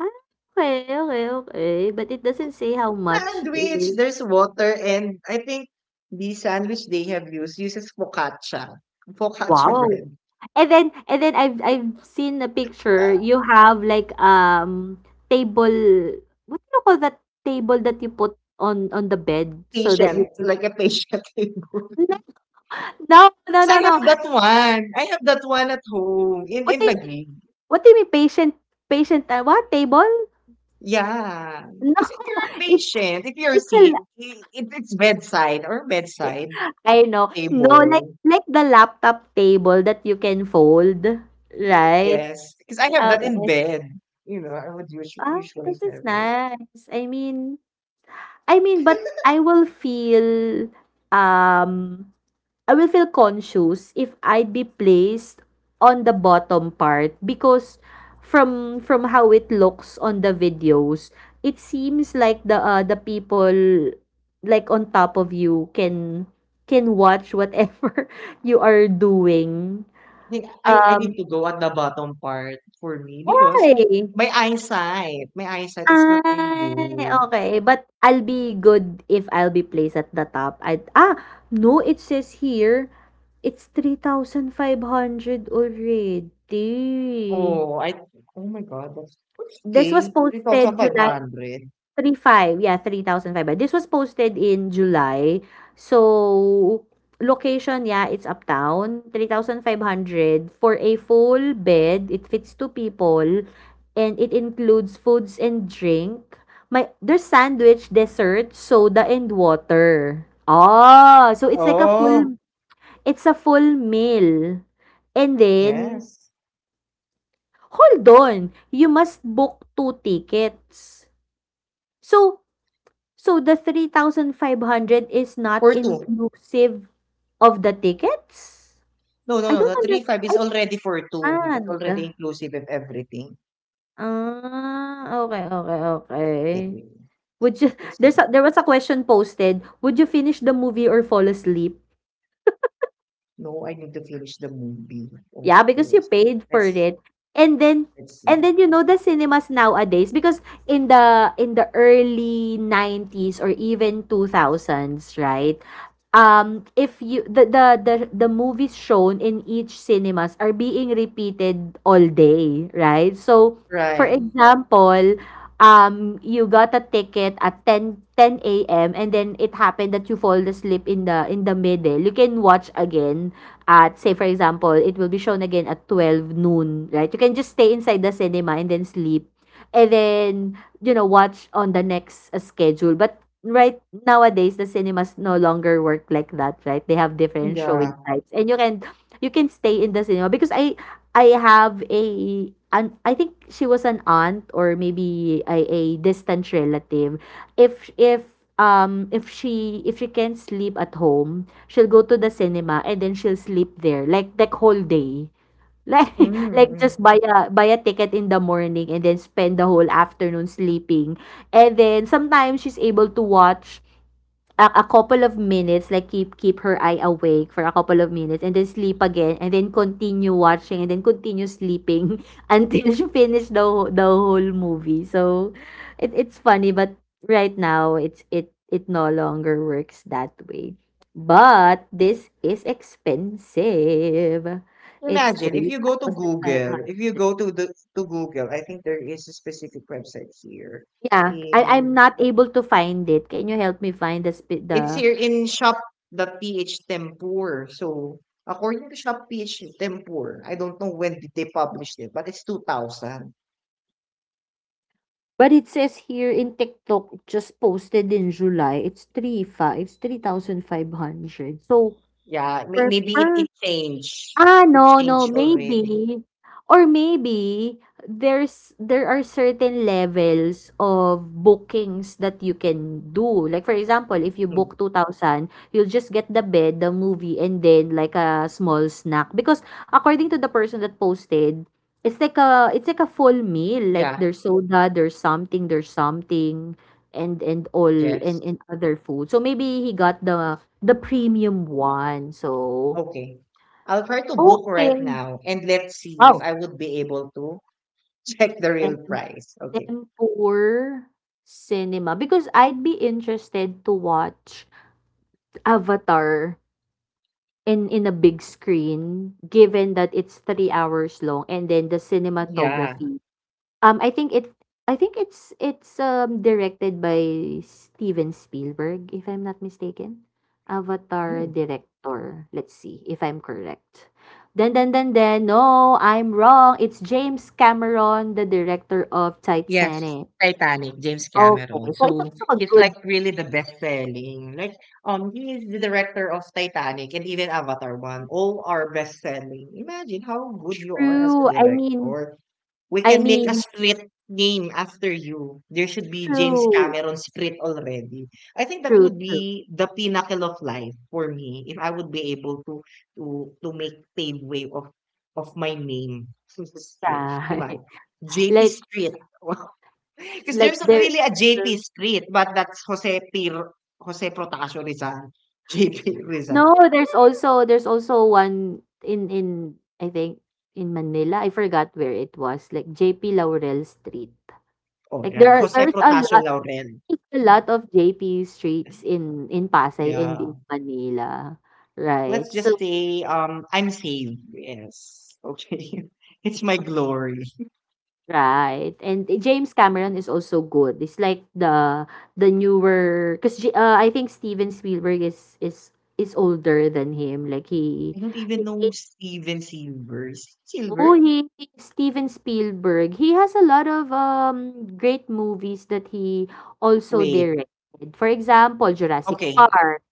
Ah, okay, okay, okay. But it doesn't say how much
Sandwich.
is.
There's water and I think the sandwich they have used uses focaccia. Focaccia
Wow.
bread.
And then I've seen a picture. You have like table, what do you call that table that you put on the bed so that you
Patient,
can-
like a patient table.
No, no, no,
So I
no, no.
have that one. I have that one at home in
What
in
do you mean?
Taguig.
What do you mean patient, patient what table?
Yeah,
No.
because if you're a
It's
patient, if you're
it's a
sick,
la-
I it it's bedside or bedside
I know. No,
table.
like the laptop table that you can fold, right?
Yes, because I have that in
Okay.
bed, I would usually
Ah,
usually
this
have
is
it.
nice. I mean, but um, I will feel conscious if I'd be placed on the bottom part, because from how it looks on the videos, it seems like the people like on top of you can watch whatever you are doing.
Then I need
Um,
to go at the bottom part for me because
why?
my eyesight is not really
Ay,
good.
okay. But I'll be good if I'll be placed at the top at ah, no, it says here, it's 3,500 already.
Oh, I oh my God, that's
This was
okay,
posted July
3,500.
3-5, yeah, 3,500. This was posted in July. So, location, yeah, it's uptown. 3,500 for a full bed. It fits two people and it includes foods and drink. My, there's sandwich, dessert, soda and water. Ah, so it's like a
Oh,
full, it's a full meal. And then
yes,
hold on, you must book two tickets. So, so the 3,500 is not
for 2.
inclusive of the tickets?
No, no,
I
no, the
don't under
three five is already for
I
2. That's
can't.
already inclusive of everything.
Ah, okay, okay, okay.
Wait, wait, wait.
Would you
Let's see.
there's a, there was a question posted, would you finish the movie or fall asleep?
No, I need to finish the movie, of
Yeah, because you
course.
paid for
Let's
it. And then
let's see.
and then you know the cinemas nowadays, because in the early 90s or even 2000s, right? If you the the movies shown in each cinemas are being repeated all day, right? So for
Right.
example, you got a ticket at 10 10 a.m. and then it happened that you fall asleep in the middle. You can watch again at, say for example, it will be shown again at 12 noon, right? You can just stay inside the cinema and then sleep and then you know watch on the next schedule. But right nowadays the cinemas no longer work like that, right? They have different
Yeah.
showing types and you can stay in the cinema, because I have a I think she was an aunt or maybe a distant relative. If if if she, if she can sleep at home, she'll go to the cinema and then she'll sleep there like the whole day. Like like
Mm-hmm.
just buy a buy a ticket in the morning and then spend the whole afternoon sleeping. And then sometimes she's able to watch a couple of minutes, like keep her eye awake for a couple of minutes and then sleep again and then continue watching and then continue sleeping until she finish the the whole movie. So it it's funny, but right now it's it no longer works that way. But this is expensive. It's
Imagine if
three
you go to
thousand five
Google, if you
hundred.
go to Google, I think there is a specific website here.
Yeah, I I'm
In,
not able to find it. Can you help me find the
it's here in shop dot PH Tempur. So according to shop PH Tempur, I don't know when did they publish it, but it's 2,000.
But it says here in TikTok, just posted in July, it's 3-3-5, 3,500. So,
Yeah,
per
maybe it
per
it changed.
ah,
It
no, no,
changed already.
maybe or maybe there's there are certain levels of bookings that you can do. Like, for example, if you
Mm.
book 2,000, you'll just get the bed, the movie, and then, like, a small snack. Because according to the person that posted, it's like a, it's like a full meal. Like,
Yeah,
there's soda, there's something, and all,
yes.
and other food. So, maybe he got the premium one. So,
Okay. I'll try to book right
okay.
now and let's see if
Wow.
I would be able to check the
Tem
real price. Okay.
Tempur cinema, because I'd be interested to watch Avatar in a big screen, given that it's 3 hours long and then the
Yeah.
cinematography. I think it I think it's directed by Steven Spielberg, if I'm not mistaken. Avatar
Mm.
director. Let's see if I'm correct. Then, no, I'm wrong. It's James Cameron, the director of
Yes.
Titanic.
Titanic, James
Okay,
Cameron.
so it's
So
also a
he's like
good
really the best selling. Like he is the director of Titanic and even Avatar 1. All are best selling. Imagine how good you are as a
true, I mean,
director. We
I
can make a
mean,
street name after you. There should be James
true,
Cameron Street already. I think that
true,
would
true,
be the pinnacle of life for me if I would be able to to make pave way of my name street. Diba?
right.
JP
Like
Street. Because
like
there's not
there
really a JP Street, but that's Jose P. Jose Protasio Rizal. JP Rizal.
no, there's also one in I think in Manila, I forgot where it was, like JP Laurel Street.
Oh,
Like
right.
there are
Jose
there's a
Protasio
lot,
Laurel.
there's a lot of JP streets in Pasay and
Yeah.
in Manila, right?
Let's just
So
say I'm saved. Yes. Okay. It's my glory.
right. And James Cameron is also good. It's like the newer cuz I think Steven Spielberg is is older than him. Like
I don't
he
even know Steven Silver. Is it
oh,
Silver?
Steven Spielberg. He has a lot of great movies that he also
Wait.
directed. For example, Jurassic
Okay.
Park,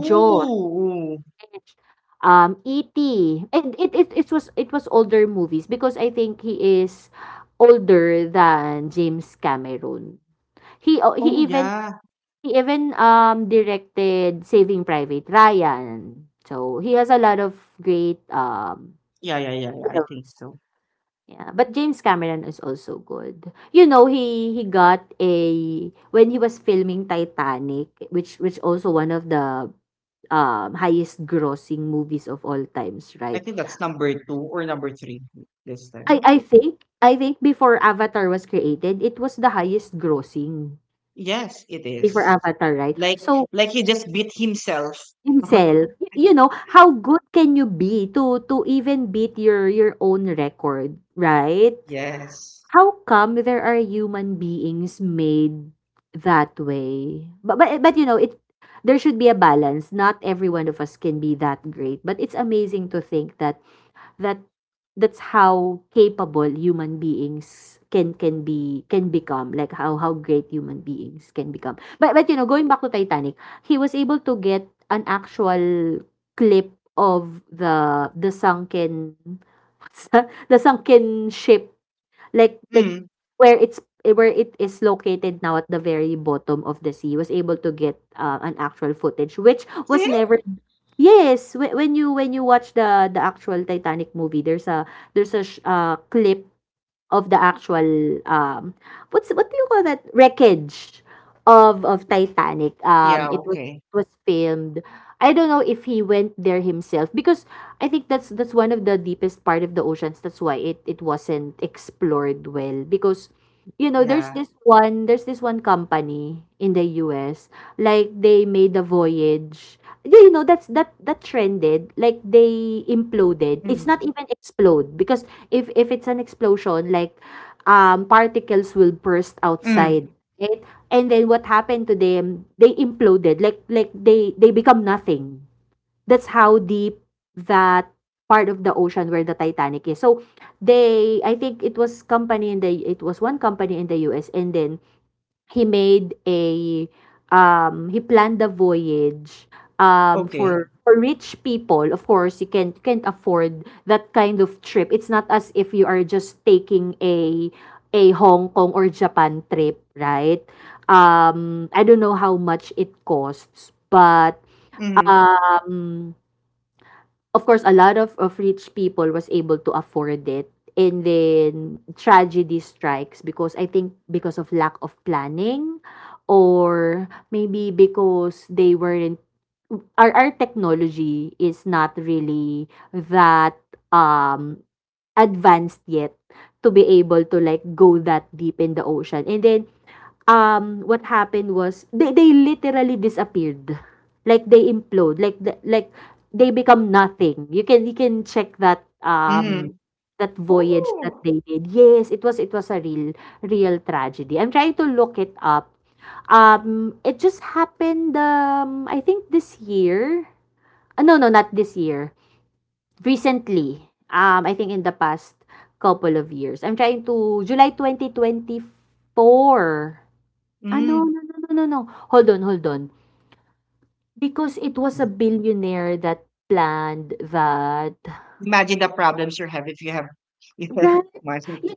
Jaws,
Oh
E.T. And it it was it was older movies because I think he is older than James Cameron. He o he
oh,
even,
yeah.
he even, directed Saving Private Ryan. So, he has a lot of great,
Yeah, yeah, yeah, yeah. I think
films.
so.
Yeah, but James Cameron is also good. You know, he got a when he was filming Titanic, which also one of the, highest grossing movies of all times,
I
right?
think that's number two or number three this time. Number two.
I think before Avatar was created, it was the highest grossing
Yes, it
before
is.
Avatar, right?
Like
So
like he just beat himself.
himself, you know, how good can you be to even beat your own record, right?
Yes.
How come there are human beings made that way? But you know, it there should be a balance. Not every one of us can be that great, but it's amazing to think that that that's how capable human beings can be can become, like how great human beings can become. But you know, going back to Titanic, he was able to get an actual clip of the sunken what's that? The sunken ship like
Mm.
where it's where it is located now, at the very bottom of the sea. He was able to get an actual footage which was
See?
never yes, when you, when you watch the actual Titanic movie, there's a sh clip of the actual, what's what do you call that? Wreckage of Titanic.
Yeah, okay.
It was filmed. I don't know if he went there himself, because I think that's one of the deepest part of the oceans. That's why it it wasn't explored well, because you know,
Yeah.
there's this one company in the U. S. Like they made a voyage. Yeah, you know, that's that that trended. Like they imploded. It's
Mm.
not even explode, because if it's an explosion, like particles will burst
Mm.
outside. Right? And then what happened to them, they imploded. Like they become nothing. That's how deep that part of the ocean where the Titanic is. So they I think it was company in the it was one company in the US and then he made a he planned the voyage,
Okay.
for rich people. Of course you can you can't afford that kind of trip. It's not as if you are just taking a Hong Kong or Japan trip, right? I don't know how much it costs, but
Mm.
um of course, a lot of rich people was able to afford it. And then tragedy strikes, because I think because of lack of planning or maybe because they weren't our technology is not really that um advanced yet to be able to like go that deep in the ocean. And then what happened was they literally disappeared, like they implode like the, like they become nothing. You can you can check that
Mhm.
that voyage that
Oh.
they did. Yes, it was a real real tragedy. I'm trying to look it up, it just happened, I think this year. No, no, not this year, recently, I think in the past couple of years. I'm trying to July 2024. Ah, no,
Mm.
no, no, no, no, no. Hold on, hold on. Because it was a
Mm.
billionaire that planned that.
Imagine the problems you have if you have if you have
Right.
money,
You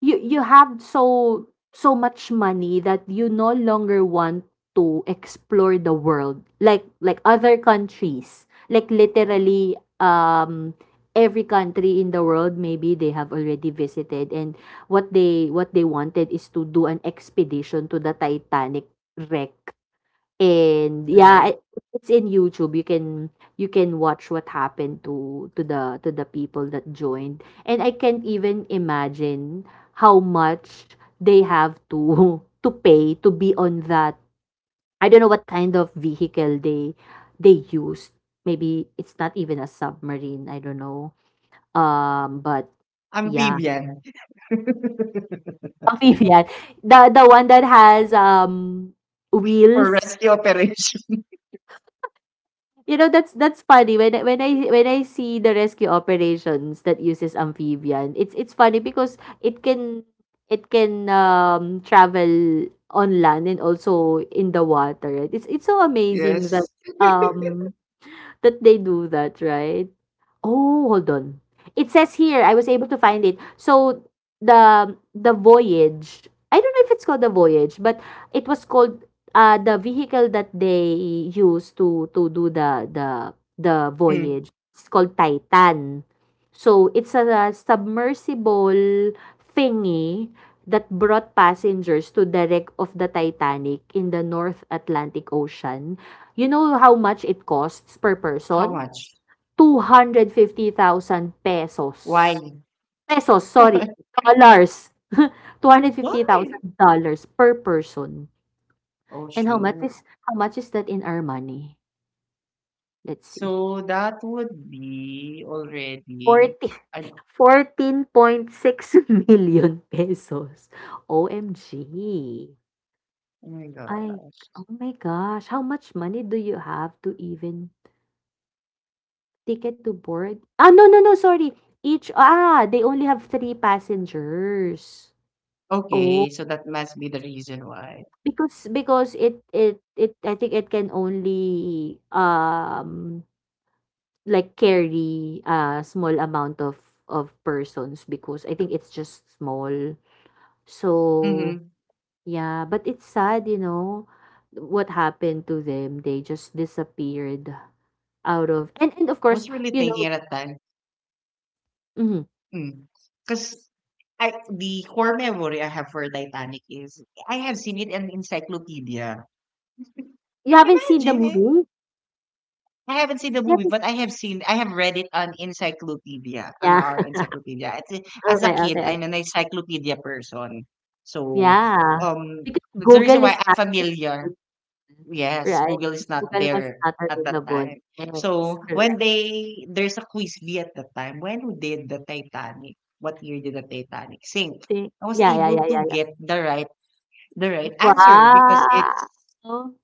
you have so much money that you no longer want to explore the world like other countries. Like literally every country in the world maybe they have already visited, and what they wanted is to do an expedition to the Titanic wreck. And
right?
yeah, it's in YouTube. You can watch what happened to the people that joined. And I can't even imagine how much they have to to pay to be on that. I don't know what kind of vehicle they used. Maybe it's not even a submarine. I don't know. But yeah,
Amphibian
amphibian. The one that has wheels.
for rescue operation.
You know, that's funny when I see the rescue operations that uses amphibian. It's funny because it can travel on land and also in the water. Right? It's so amazing that
Yes.
um that they do that, right? Oh, hold on. It says here, I was able to find it. So the voyage, I don't know if it's called the voyage, but it was called the vehicle that they use to do the
Mm.
voyage. It's called Titan. So it's a, submersible thingy that brought passengers to the wreck of the Titanic in the North Atlantic Ocean. You know how much it costs per
How
person?
much?
250,000
Why?
pesos. Pesos, sorry,
Why?
dollars.
Why?
$250,000 dollars per person.
Oh
And how much
shoot.
is that in our money? Let's see.
So that would be already
Forty
an
14.6 million pesos. OMG.
Oh my
I
gosh.
oh my gosh, how much money do you have to even ticket to board? Ah, no, no, no, sorry. Each, ah, they only have three passengers.
Okay,
Oh,
so that must be the reason why.
because it it it I think it can only like carry a small amount of persons because I think it's just small. So
Mhm.
yeah, but it's sad, what happened to them. They just disappeared out of, and of
Was
course,
really thinking at that time.
mhm.
mm, Cause I the core memory I have for Titanic is I have seen it in encyclopedia.
You haven't seen the
Imagine it.
movie?
I haven't seen the
You
movie,
haven't-
but I have read it on encyclopedia,
Yeah.
on our encyclopedia. As
Okay,
a kid,
okay, okay.
I'm an encyclopedia person. So,
Yeah. Because
that's the reason
Google
why
is,
I'm familiar.
mm,
Yes,
right.
Google is not
Google was
there
not
at that
available.
time.
Yes,
So when
correct.
they there's a quiz bee at that time, when did the Titanic? What year did the Titanic sink?
See?
I was
Yeah, yeah,
able
yeah, yeah,
to
yeah.
get the right answer because it's
Wow!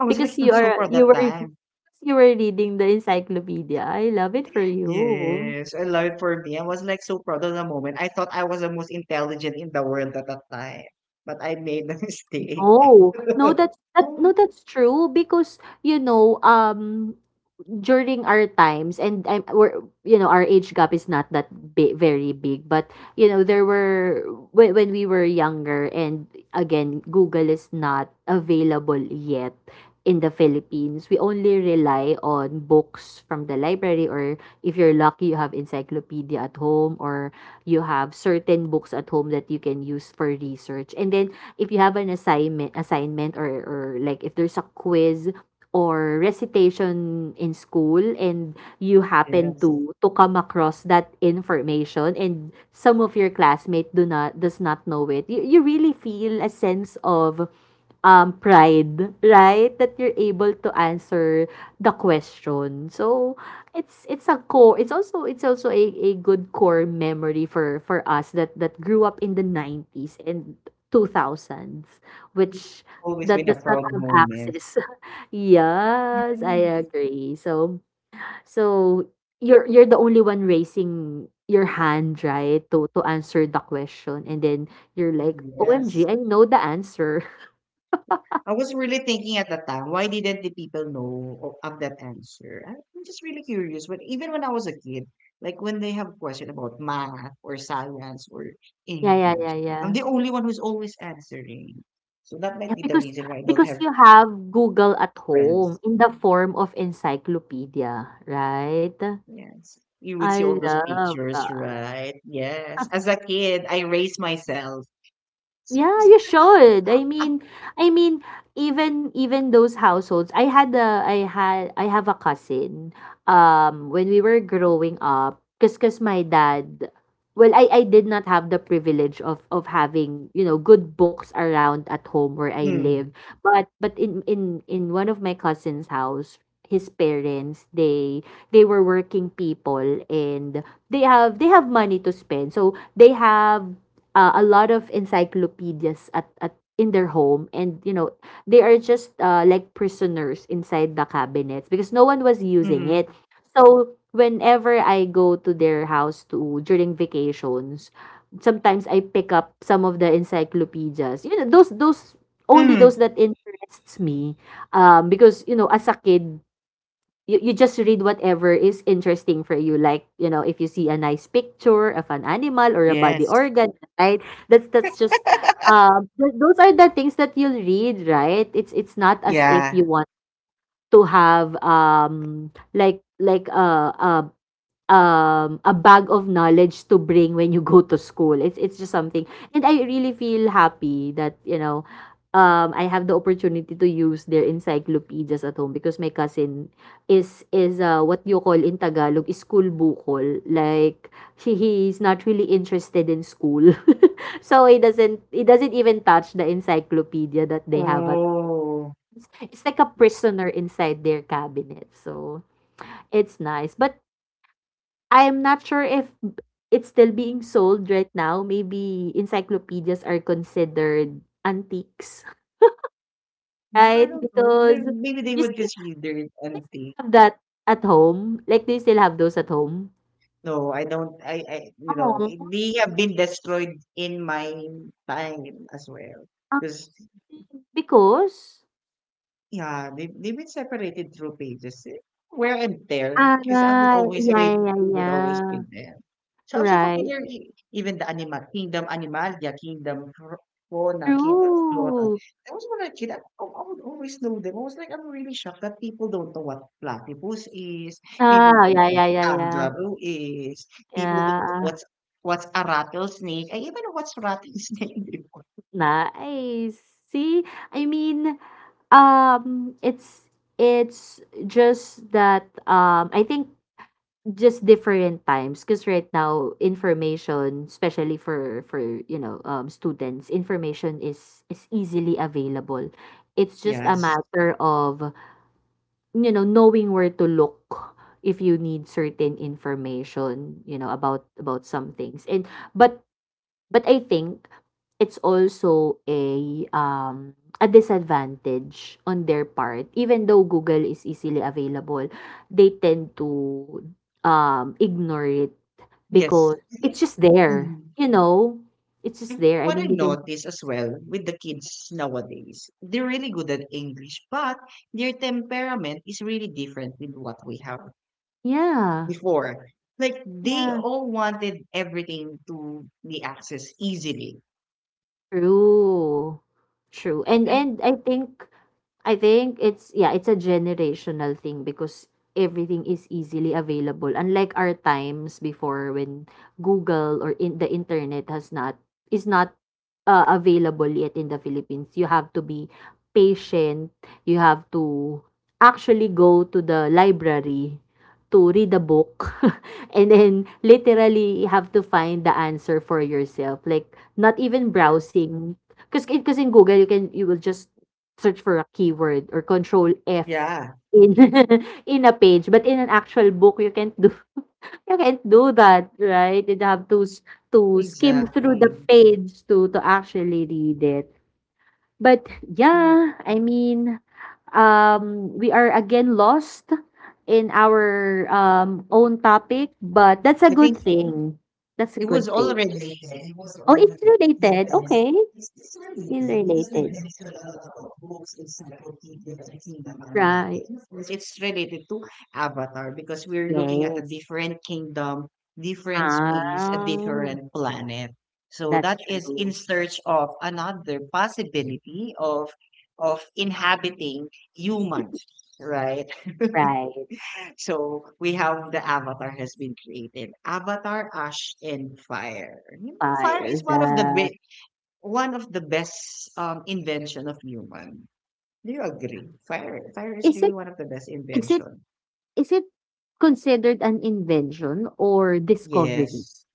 I was like
Because
I'm
you
so
are
proud
you
that
were
time.
because you were reading the encyclopedia. I love it for you.
Yes, I love it for me. I was like so proud of the moment. I thought I was the most intelligent in the world at that time, but I made a mistake.
No, no, that's that no, that's true because you know, during our times and we're, you know, our age gap is not that bi- very big, but you know there were when, we were younger, and again Google is not available yet in the Philippines. We only rely on books from the library, or if you're lucky you have encyclopedia at home, or you have certain books at home that you can use for research. And then if you have an assignment, or like if there's a quiz or recitation in school, and you happen
Yes,
to come across that information and some of your classmate do not does not know it, you really feel a sense of pride, right, that you're able to answer the question. So it's a core, it's also a, good core memory for us that grew up in the 90s and two thousands,
it's
which
always
that
been a
does not
proud
have
moment.
access. Yes, I
Yes.
agree. So so you're the only one raising your hand, right, to answer the question, and then you're like, "OMG,
Yes.
I know the answer."
I was really thinking at the time, why didn't the people know of that answer? I'm just really curious. But even when I was a kid, like when they have question about math or science or
Yeah, yeah,
English,
yeah, yeah.
I'm the only one who's always answering. So that
Yeah,
might be the
because
reason why I don't have
you have Google at home
friends.
in the form of encyclopedia, right?
Yes. You would see
I
all those
love
pictures,
that.
right? Yes. As a kid, I raised myself.
Yeah, you should. I mean, even even those households. I had a, I had, I have a cousin. When we were growing up, cause my dad. Well, I did not have the privilege of having, you know, good books around at home where I
Mm.
live. But in one of my cousin's house, his parents, they were working people, and they have money to spend. So they have a lot of encyclopedias at in their home. And you know they are just, like prisoners inside the cabinets because no one was using it.
Mm-hmm.
So whenever I go to their house to during vacations, sometimes I pick up some of the encyclopedias, you know those, only those
Mm-hmm.
that interests me, because you know, as a kid, you just read whatever is interesting for you. Like you know, if you see a nice picture of an animal or a body
Yes.
organ, right, that's just th- those are the things that you'll read, right? It's not as if
Yeah.
you want to have a bag of knowledge to bring when you go to school. It's just something. And I really feel happy that, you know, I have the opportunity to use their encyclopedias at home because my cousin is what you call in Tagalog school bukol. Like he's not really interested in school, so he doesn't even touch the encyclopedia that they have at.
Oh.
It's like a prisoner inside their cabinet. So it's nice, but I'm not sure if b- it's still being sold right now. Maybe encyclopedias are considered antiques,
Yeah, I
right?
don't know. And
Because
Maybe they
you
would
still,
consider it
you still
empty.
have that at home. Like, do you still have those at home?
No, I don't.
Oh,
They have been destroyed in my time as well.
Um,
Because
because,
Yeah, they've been separated through pages, wear and tear,
ah,
because
yeah, yeah,
I would always
yeah.
read them. So I'm so
Right?
familiar e even the animal Kingdom Animalia, Kingdom Fro Fauna, Kingdom Flora.
True.
I was When I was a kid, I oh, I would always know them. I was like, I'm really shocked that people don't know what platypus is, people
Ah,
don't
yeah,
know what
yeah, yeah, yeah.
kangaroo is, people don't know
Yeah.
what's a rattlesnake. I even know what's rattlesnake before.
Nice. See, I mean, it's it's just that I think just different times because right now information, especially for you know students, information is easily available. It's just a
Yes.
matter of, you know, knowing where to look if you need certain information, you know, about some things. And but but I think it's also a disadvantage on their part. Even though Google is easily available, they tend to, ignore it
Yes.
because it's just there,
Mm.
you know? It's
I
just there. I
what
mean,
I
they can just,
notice as well with the kids nowadays, they're really good at English, but their temperament is really different with what we have
yeah.
before. Like they
Yeah.
all wanted everything to be accessed easily.
True. True. And
Like
and I think it's, yeah, it's a generational thing because everything is easily available. Unlike our times before when Google or in the internet has not is not, available yet in the Philippines. You have to be patient. You have to actually go to the library to read a book and then literally have to find the answer for yourself. Like not even
Yes.
browsing, because in Google you will just search for a keyword, or control F
Yeah,
in in a page. But in an actual book you can't do that, right? You'd have to s- to skim through the
exactly.
page to actually read it. But
Mm,
yeah, I mean, we are again lost in our own topic, but that's a
I
good
think
thing. That's a
it was
good thing.
already there. It was
Oh, it's
already
related.
established.
Okay,
It's certainly
still
there because we
related.
mentioned a lot about books, encyclopedia, and Kingdom Animal.
Right.
And of course, it's related to Avatar because we're looking at a
Yes.
different kingdom, different space, a
Ah,
different planet. So
that's
that is in
true.
search of another possibility of inhabiting humans, right?
Right.
So we have the avatar has been created. Avatar, Ash, and Fire. You know, Fire
Fire.
is one of the
The
one of the best invention of human. Do you agree? Fire is
is
really
it
one of the best
is it
invention.
Is it considered an invention or discovery?
Yes,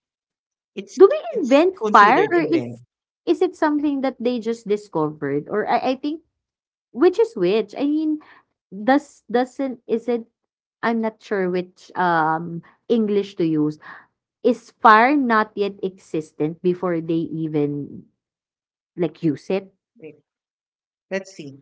it's
Do we
it's
invent fire,
considered
or
invent,
is it something that they just discovered? Or I think which is which? I mean, does doesn't is it, I'm not sure which English to use. Is fire not yet existent before they even like use it?
right? Let's see.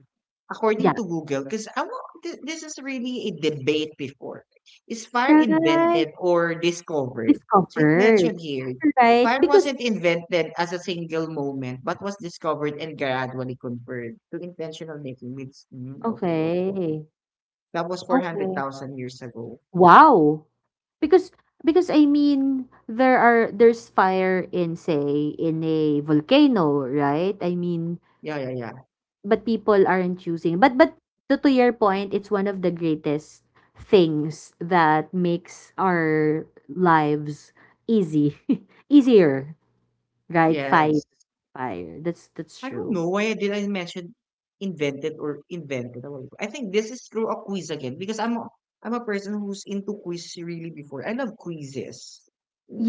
Yeah.
According to Google, because this is really a debate before. Is fire
Right.
invented or discovered? So it
Discovered.
mentioned here,
Right?
fire
Because
wasn't invented as a single moment, but was discovered and gradually converted to intentional making. Means, okay, okay, okay.
okay.
That was
Okay.
400,000 years ago.
Wow. Because I mean, there's fire in, say, in a volcano, right? I mean,
Yeah, yeah, yeah.
but people aren't choosing, but to your point, it's one of the greatest things that makes our lives easy, easier, right? Fight
Yes.
fire. That's
I don't
true.
know why I did I mention invented or invented a while ago. I think this is through a quiz again because I'm a person who's into quiz really before. I love quizzes.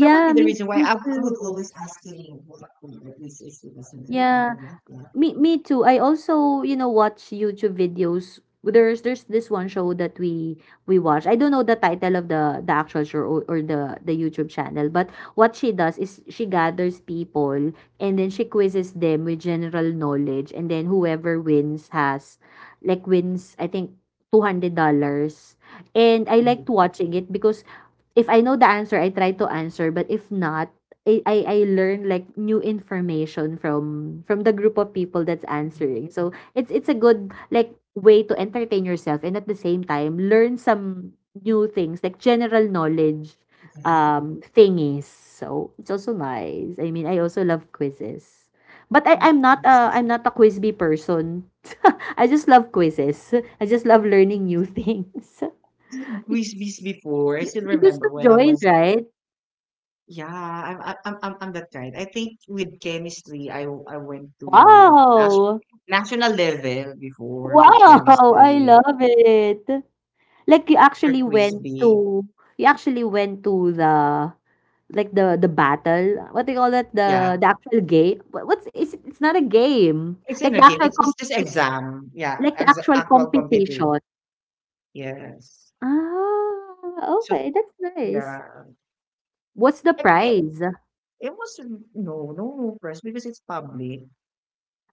That might be the
me
reason why
me
I would
too.
always ask him what the quiz is because I'm very
Yeah.
paranoid that
Me too. I also, you know, watch YouTube videos. There's this one show that we watch. I don't know the title of the actual show, or the YouTube channel, but what she does is she gathers people and then she quizzes them with general knowledge, and then whoever wins has, like, wins, I think, $200. And I liked watching it because if I know the answer, I try to answer. But if not, I learn like new information from the group of people that's answering. So it's a good like way to entertain yourself and at the same time learn some new things like general knowledge thingies. So it's also nice. I mean, I also love quizzes. But I'm not
quizzes.
I'm not a quizby person. I just love quizzes. I just love learning new things.
I love
You,
quizzes before. I
you
still
you used
remember
to
when I
join,
was
right?
yeah, I'm that kind. I think with chemistry, I went to
Wow!
national level before with
Wow! I
chemistry.
love it. Like you
For
actually
Quiz
went
Frisbee,
to, you actually went to the like the battle. What do you call that?
yeah.
The actual game. What's, is it, it's not a game.
It's
Like
in
the
a game.
actual
It's
comp-
it's just exam. Yeah,
like the
exa
actual
actual competition.
competition.
Yes.
Ah,
So,
okay, that's nice.
yeah.
What's the
And
prize?
it was no, no prize because it's public.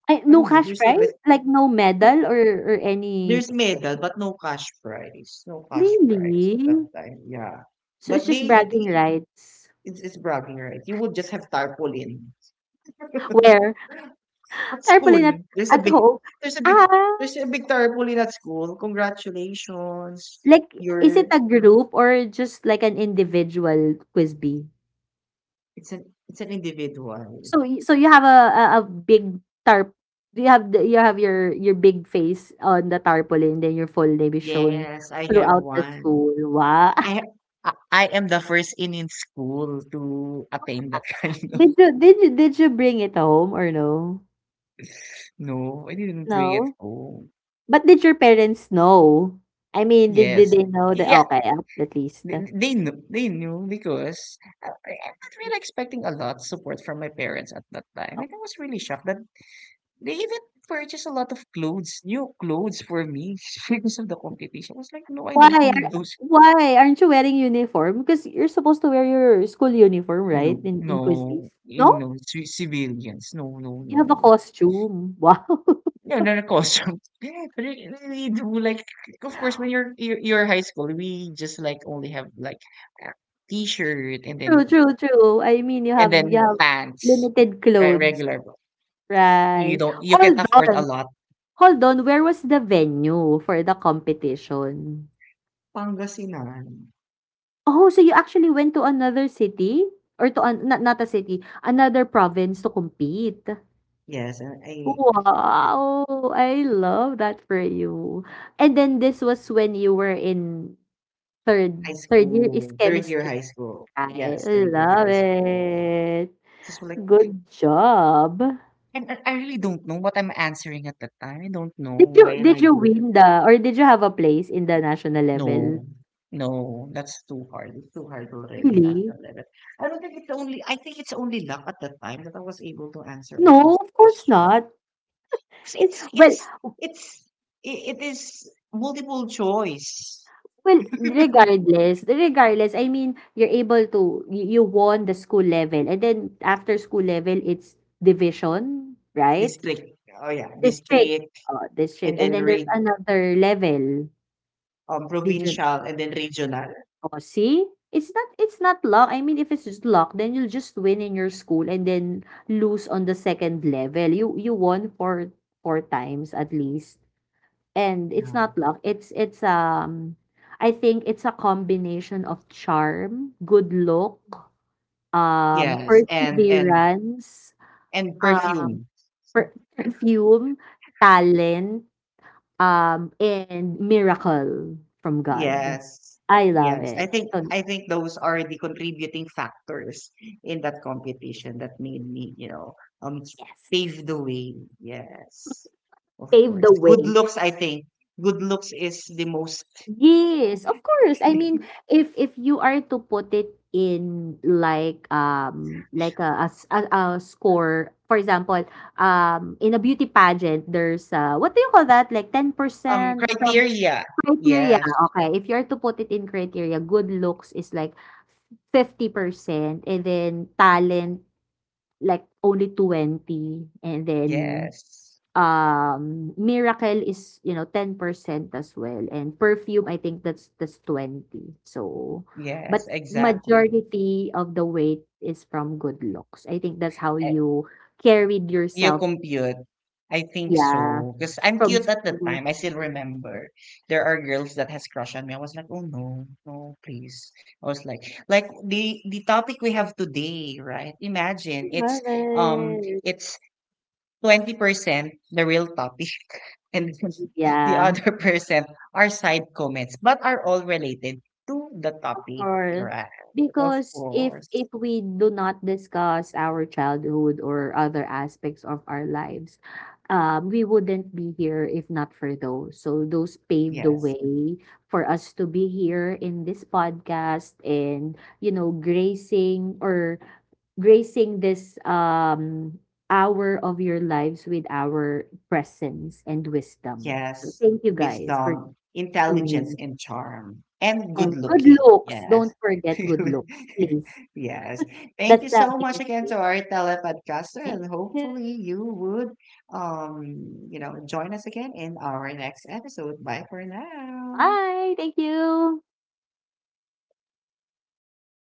Ay,
I
no
don't know,
cash
there's no
prize?
like
Like no medal
no,
or any?
there's medal but no cash prize, no cash prize
Really?
at that time, yeah.
So it's
But
just
they
bragging
they
rights.
it's bragging rights. You would just have tarpaulin.
Where?
At school,
Tarpaulin
there's a
at
big,
home.
there's a big,
Ah,
there's a big tarpaulin at school. Congratulations.
like is it
You're
a group or just like an individual Quiz-Bee?
it's an individual.
So you have a big tarp, do you have the you have your big face on the tarpaulin, then your full name is shown
Yes, I have
throughout the
one.
school. Wow.
I ha- I am the first in school to attain that kind of.
Did you bring it home or no?
No, I didn't bring it
No?
home.
But did your parents know? I mean, did
Yes,
they know that
yeah,
okay, at least?
they knew, they knew because I'm not really expecting a lot support from my parents at that time, and I was really shocked that they even purchased a lot of clothes, new clothes for me because of the competition. I was like, "No, I
Why
don't need
are
those.
why aren't you wearing uniform? Because you're supposed to wear your school uniform, right?
No,
In
no,
Quizbees.
you
No?
know, civilians. No, no,
You have a
no.
costume. Wow.
No, no, no, costume. But we do like, of course, when you're you're high school, we just like only have like a t-shirt and
True,
then,
true, true. I mean, you
and
have you
then
have
pants,
limited
right?
clothes,
Regular. You
right?
don't. You can
Hold
afford a
on,
lot.
hold on. Where was the venue for the competition?
Pangasinan.
Oh, so you actually went to another city, or to an, not, not a city, another province to compete.
Yes, and I.
Wow! I love that for you. And then this was when you were in
High
third, third year is
school, third year
chemistry,
high school.
right?
Yes,
I
third year
love
high school.
it.
Just like,
Good job.
and I really don't know what I'm answering at that time. I don't know
Did
why
you
am
did
I
you
good at-
win the, or did you have a place in the national
No,
level?
no, that's too hard. It's too hard already,
Really?
national level. I don't think it's only. I think it's only luck at that time that I was able to answer all
No,
those
of course
questions.
not.
'Cause
It,
It's
well,
it's it's it it is multiple choice
well, regardless, regardless, I mean, you're able to you won the school level, and then after school level it's division, right?
district. Oh yeah,
District,
district,
oo, district,
and
and
then
then there's another level,
um,
region.
provincial, and then regional.
Oh, see? It's not luck. I mean, if it's just luck, then you'll just win in your school and then lose on the second level. You won four, four times at least, and it's
Yeah.
not luck, it's, I think it's a combination of charm, good look,
Yes, and,
perseverance,
and
uh,
perfume.
per perfume, talent, and miracle from God.
Yes.
I love
Yes.
it. So,
I think those are the contributing factors in that competition that made me, you know, um,
yes,
pave the way. Yes. Of
pave
course.
the
Good
way.
looks, I think. Good looks is the most
Yes, of course. I mean, if you are to put it in like a score, for example, in a beauty pageant, there's what do you call that? Like ten
um,
percent some
criteria.
criteria.
Yes.
Okay, if you're to put it in criteria, good looks is like 50% and then talent like only 20, and then,
Yes.
miracle is, you know, 10% as well, and perfume I think that's 20. So,
Yes,
but
exactly.
majority of the weight is from good looks. I think that's how
E,
you carried
you
yourself,
compute. I think
yeah,
so. Because I'm
from
cute at the
school.
time. I still remember. There are girls that has crush on me. I was like, oh no, no, please. I was like the topic we have today, right?
I
Imagine
love it.
it's 20% the real topic and the
Yeah.
other percent are side comments, but are all related to the topic,
Or,
right? Of
because
course.
if we do not discuss our childhood or other aspects of our lives, we wouldn't be here if not for those. So those paved the
Yes.
way for us to be here in this podcast, and you know, gracing or gracing this hour of your lives with our presence and wisdom. So
Yes,
thank you guys for
wisdom, intelligence,
tuning.
and charm, and good
And good
looking.
looks,
Yes.
don't forget good looks, please.
Yes. Thank
That's
you
the
so much
biggest
again
thing.
to our telepodcaster,
Thank
and
you.
hopefully you would, um, you know, join us again in our next episode. Bye for now.
Bye, thank you.